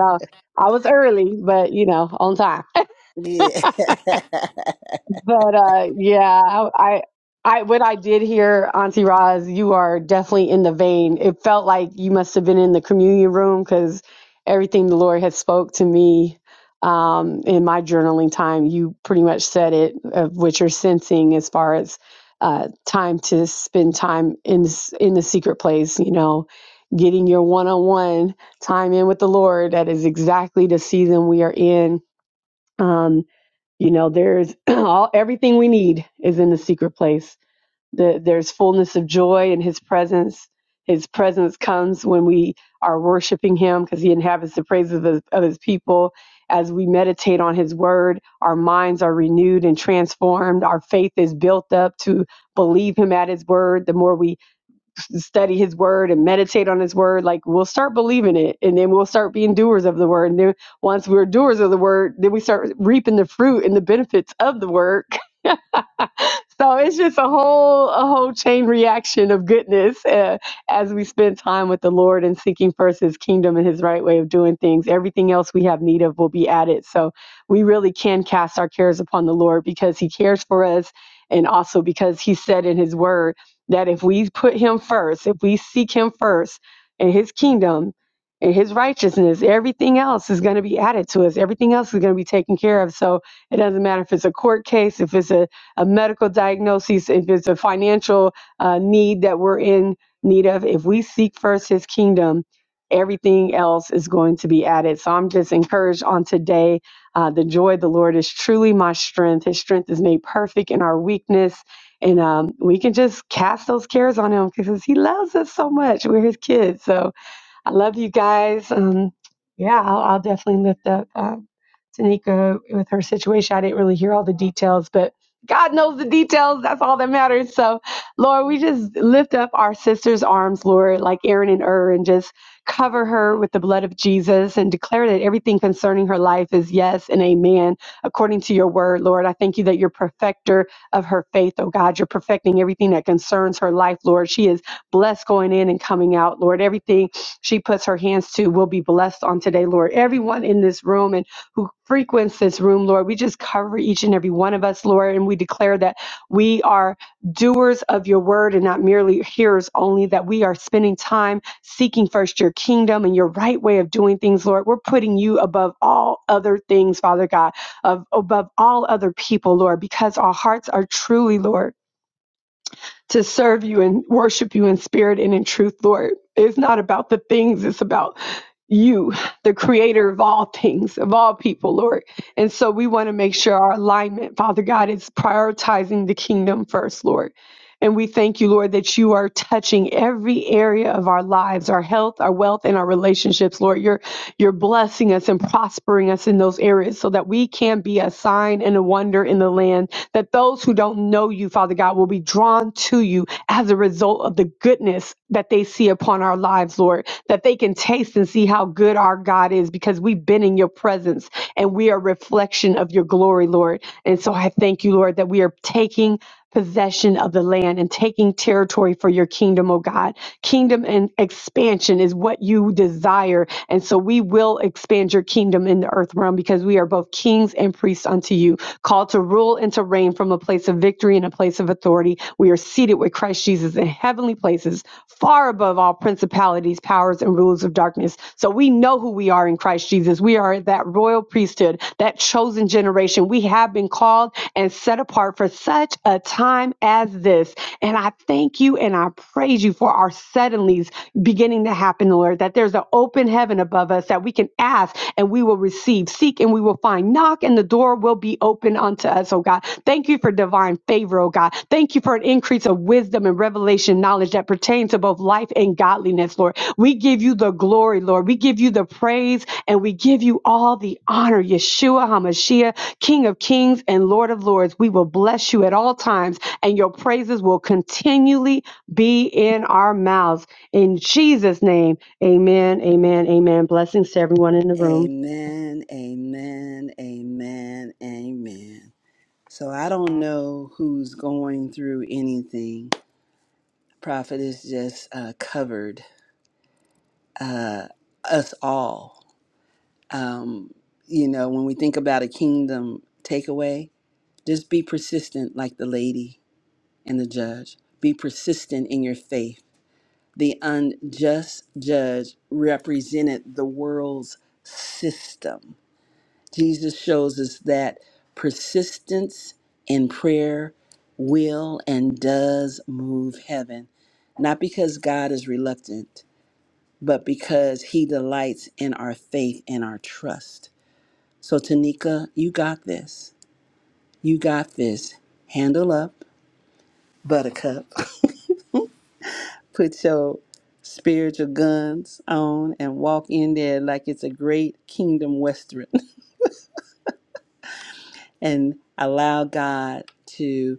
Speaker 6: So I was early, but you know, on time.
Speaker 3: Yeah.
Speaker 6: But uh, yeah, I, I, when I did hear Auntie Roz, you are definitely in the vein. It felt like you must have been in the communion room because everything the Lord had spoke to me um, in my journaling time, you pretty much said it of what you're sensing as far as uh, time to spend time in s- in the secret place. You know, getting your one on one time in with the Lord. That is exactly the season we are in. Um, you know, there's all everything we need is in the secret place. The, there's fullness of joy in His presence. His presence comes when we are worshiping Him because He inhabits the praises of his, of his people. As we meditate on His word, our minds are renewed and transformed. Our faith is built up to believe Him at His word. The more we study his word and meditate on his word like we'll start believing it and then we'll start being doers of the word and then once we're doers of the word then we start reaping the fruit and the benefits of the word so it's just a whole a whole chain reaction of goodness uh, as we spend time with the lord and seeking first his kingdom and his right way of doing things everything else we have need of will be added so we really can cast our cares upon the lord because he cares for us and also because he said in his word that if we put him first if we seek him first and his kingdom and his righteousness everything else is going to be added to us everything else is going to be taken care of so it doesn't matter if it's a court case if it's a a medical diagnosis, if it's a financial uh, need that we're in need of, if we seek first his kingdom, everything else is going to be added. So I'm just encouraged on today. Uh, the joy of the Lord is truly my strength. His strength is made perfect in our weakness. And um, we can just cast those cares on him because he loves us so much. We're his kids. So I love you guys. Um, yeah, I'll, I'll definitely lift up. uh, Tanika with her situation. I didn't really hear all the details, but God knows the details. That's all that matters. So, Lord, we just lift up our sister's arms, Lord, like Aaron and Ur, and just cover her with the blood of Jesus and declare that everything concerning her life is yes and amen, according to your word, Lord. I thank you that you're perfecter of her faith, oh God. You're perfecting everything that concerns her life, Lord. She is blessed going in and coming out, Lord. Everything she puts her hands to will be blessed on today, Lord. Everyone in this room and who frequents this room, Lord. We just cover each and every one of us, Lord, and we declare that we are doers of your word and not merely hearers only, that we are spending time seeking first your kingdom and your right way of doing things, Lord. We're putting you above all other things, Father God, of, above all other people, Lord, because our hearts are truly, Lord to serve you and worship you in spirit and in truth, Lord. It's not about the things, it's about you, the creator of all things, of all people, Lord. And so we want to make sure our alignment, Father God, is prioritizing the kingdom first, Lord. And we thank you, Lord, that you are touching every area of our lives, our health, our wealth, and our relationships, Lord. You're you're blessing us and prospering us in those areas so that we can be a sign and a wonder in the land, that those who don't know you, Father God, will be drawn to you as a result of the goodness that they see upon our lives, Lord, that they can taste and see how good our God is because we've been in your presence and we are a reflection of your glory, Lord. And so I thank you, Lord, that we are taking possession of the land and taking territory for your kingdom, oh God. Kingdom and expansion is what you desire. And so we will expand your kingdom in the earth realm because we are both kings and priests unto you, called to rule and to reign from a place of victory and a place of authority. We are seated with Christ Jesus in heavenly places, far above all principalities principalities, powers, and rulers of darkness. So we know who we are in Christ Jesus. We are that royal priesthood, that chosen generation. We have been called and set apart for such a time as this. And I thank you and I praise you for our suddenlies beginning to happen, Lord, that there's an open heaven above us that we can ask and we will receive. Seek seek and we will find, knock and the door will be open unto us, oh God. Thank you for divine favor, oh God. Thank you for an increase of wisdom and revelation knowledge that pertains to both life and godliness, Lord. We give you the glory, Lord. We give you the praise and we give you all the honor, Yeshua HaMashiach, King of kings and Lord of lords. We will bless you at all times and your praises will continually be in our mouths. In Jesus' name, amen, amen, amen. Blessings to everyone in the room.
Speaker 3: amen. Amen. Amen. Amen. So I don't know who's going through anything. Prophet is just uh, covered uh, us all. Um, you know, when we think about a kingdom takeaway, just be persistent, like the lady and the judge. Be persistent in your faith The unjust judge represented the world's system. Jesus shows us that persistence in prayer will and does move heaven, not because God is reluctant, but because he delights in our faith and our trust. So, Tanika, you got this. You got this. Handle up, buttercup. put your spiritual guns on and walk in there like it's a great kingdom western and allow God to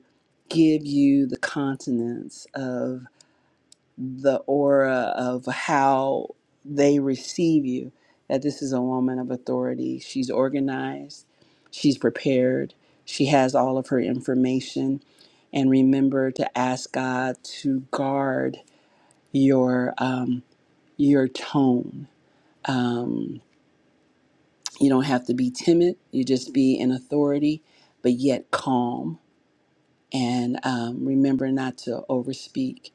Speaker 3: give you the continence of the aura of how they receive you. That this is a woman of authority. She's organized, she's prepared, she has all of her information. And remember to ask God to guard your um, your tone Um, you don't have to be timid, you just be in authority, but yet calm. And um, remember not to overspeak.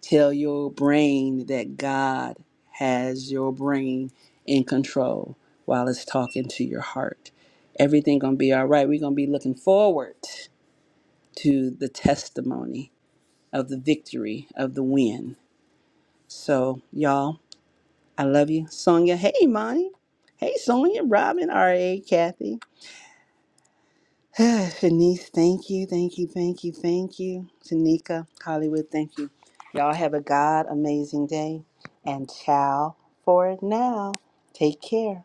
Speaker 3: Tell your brain that God has your brain in control while it's talking to your heart. Everything gonna be all right. We're gonna be looking forward to the testimony of the victory of the win. So y'all, I love you, Sonia. Hey, Monty. Hey, Sonia, Robin, R.A., Kathy. Shanice, thank you, thank you, thank you, thank you. Tanika, Hollywood, thank you. Y'all have a God amazing day and ciao for now. Take care.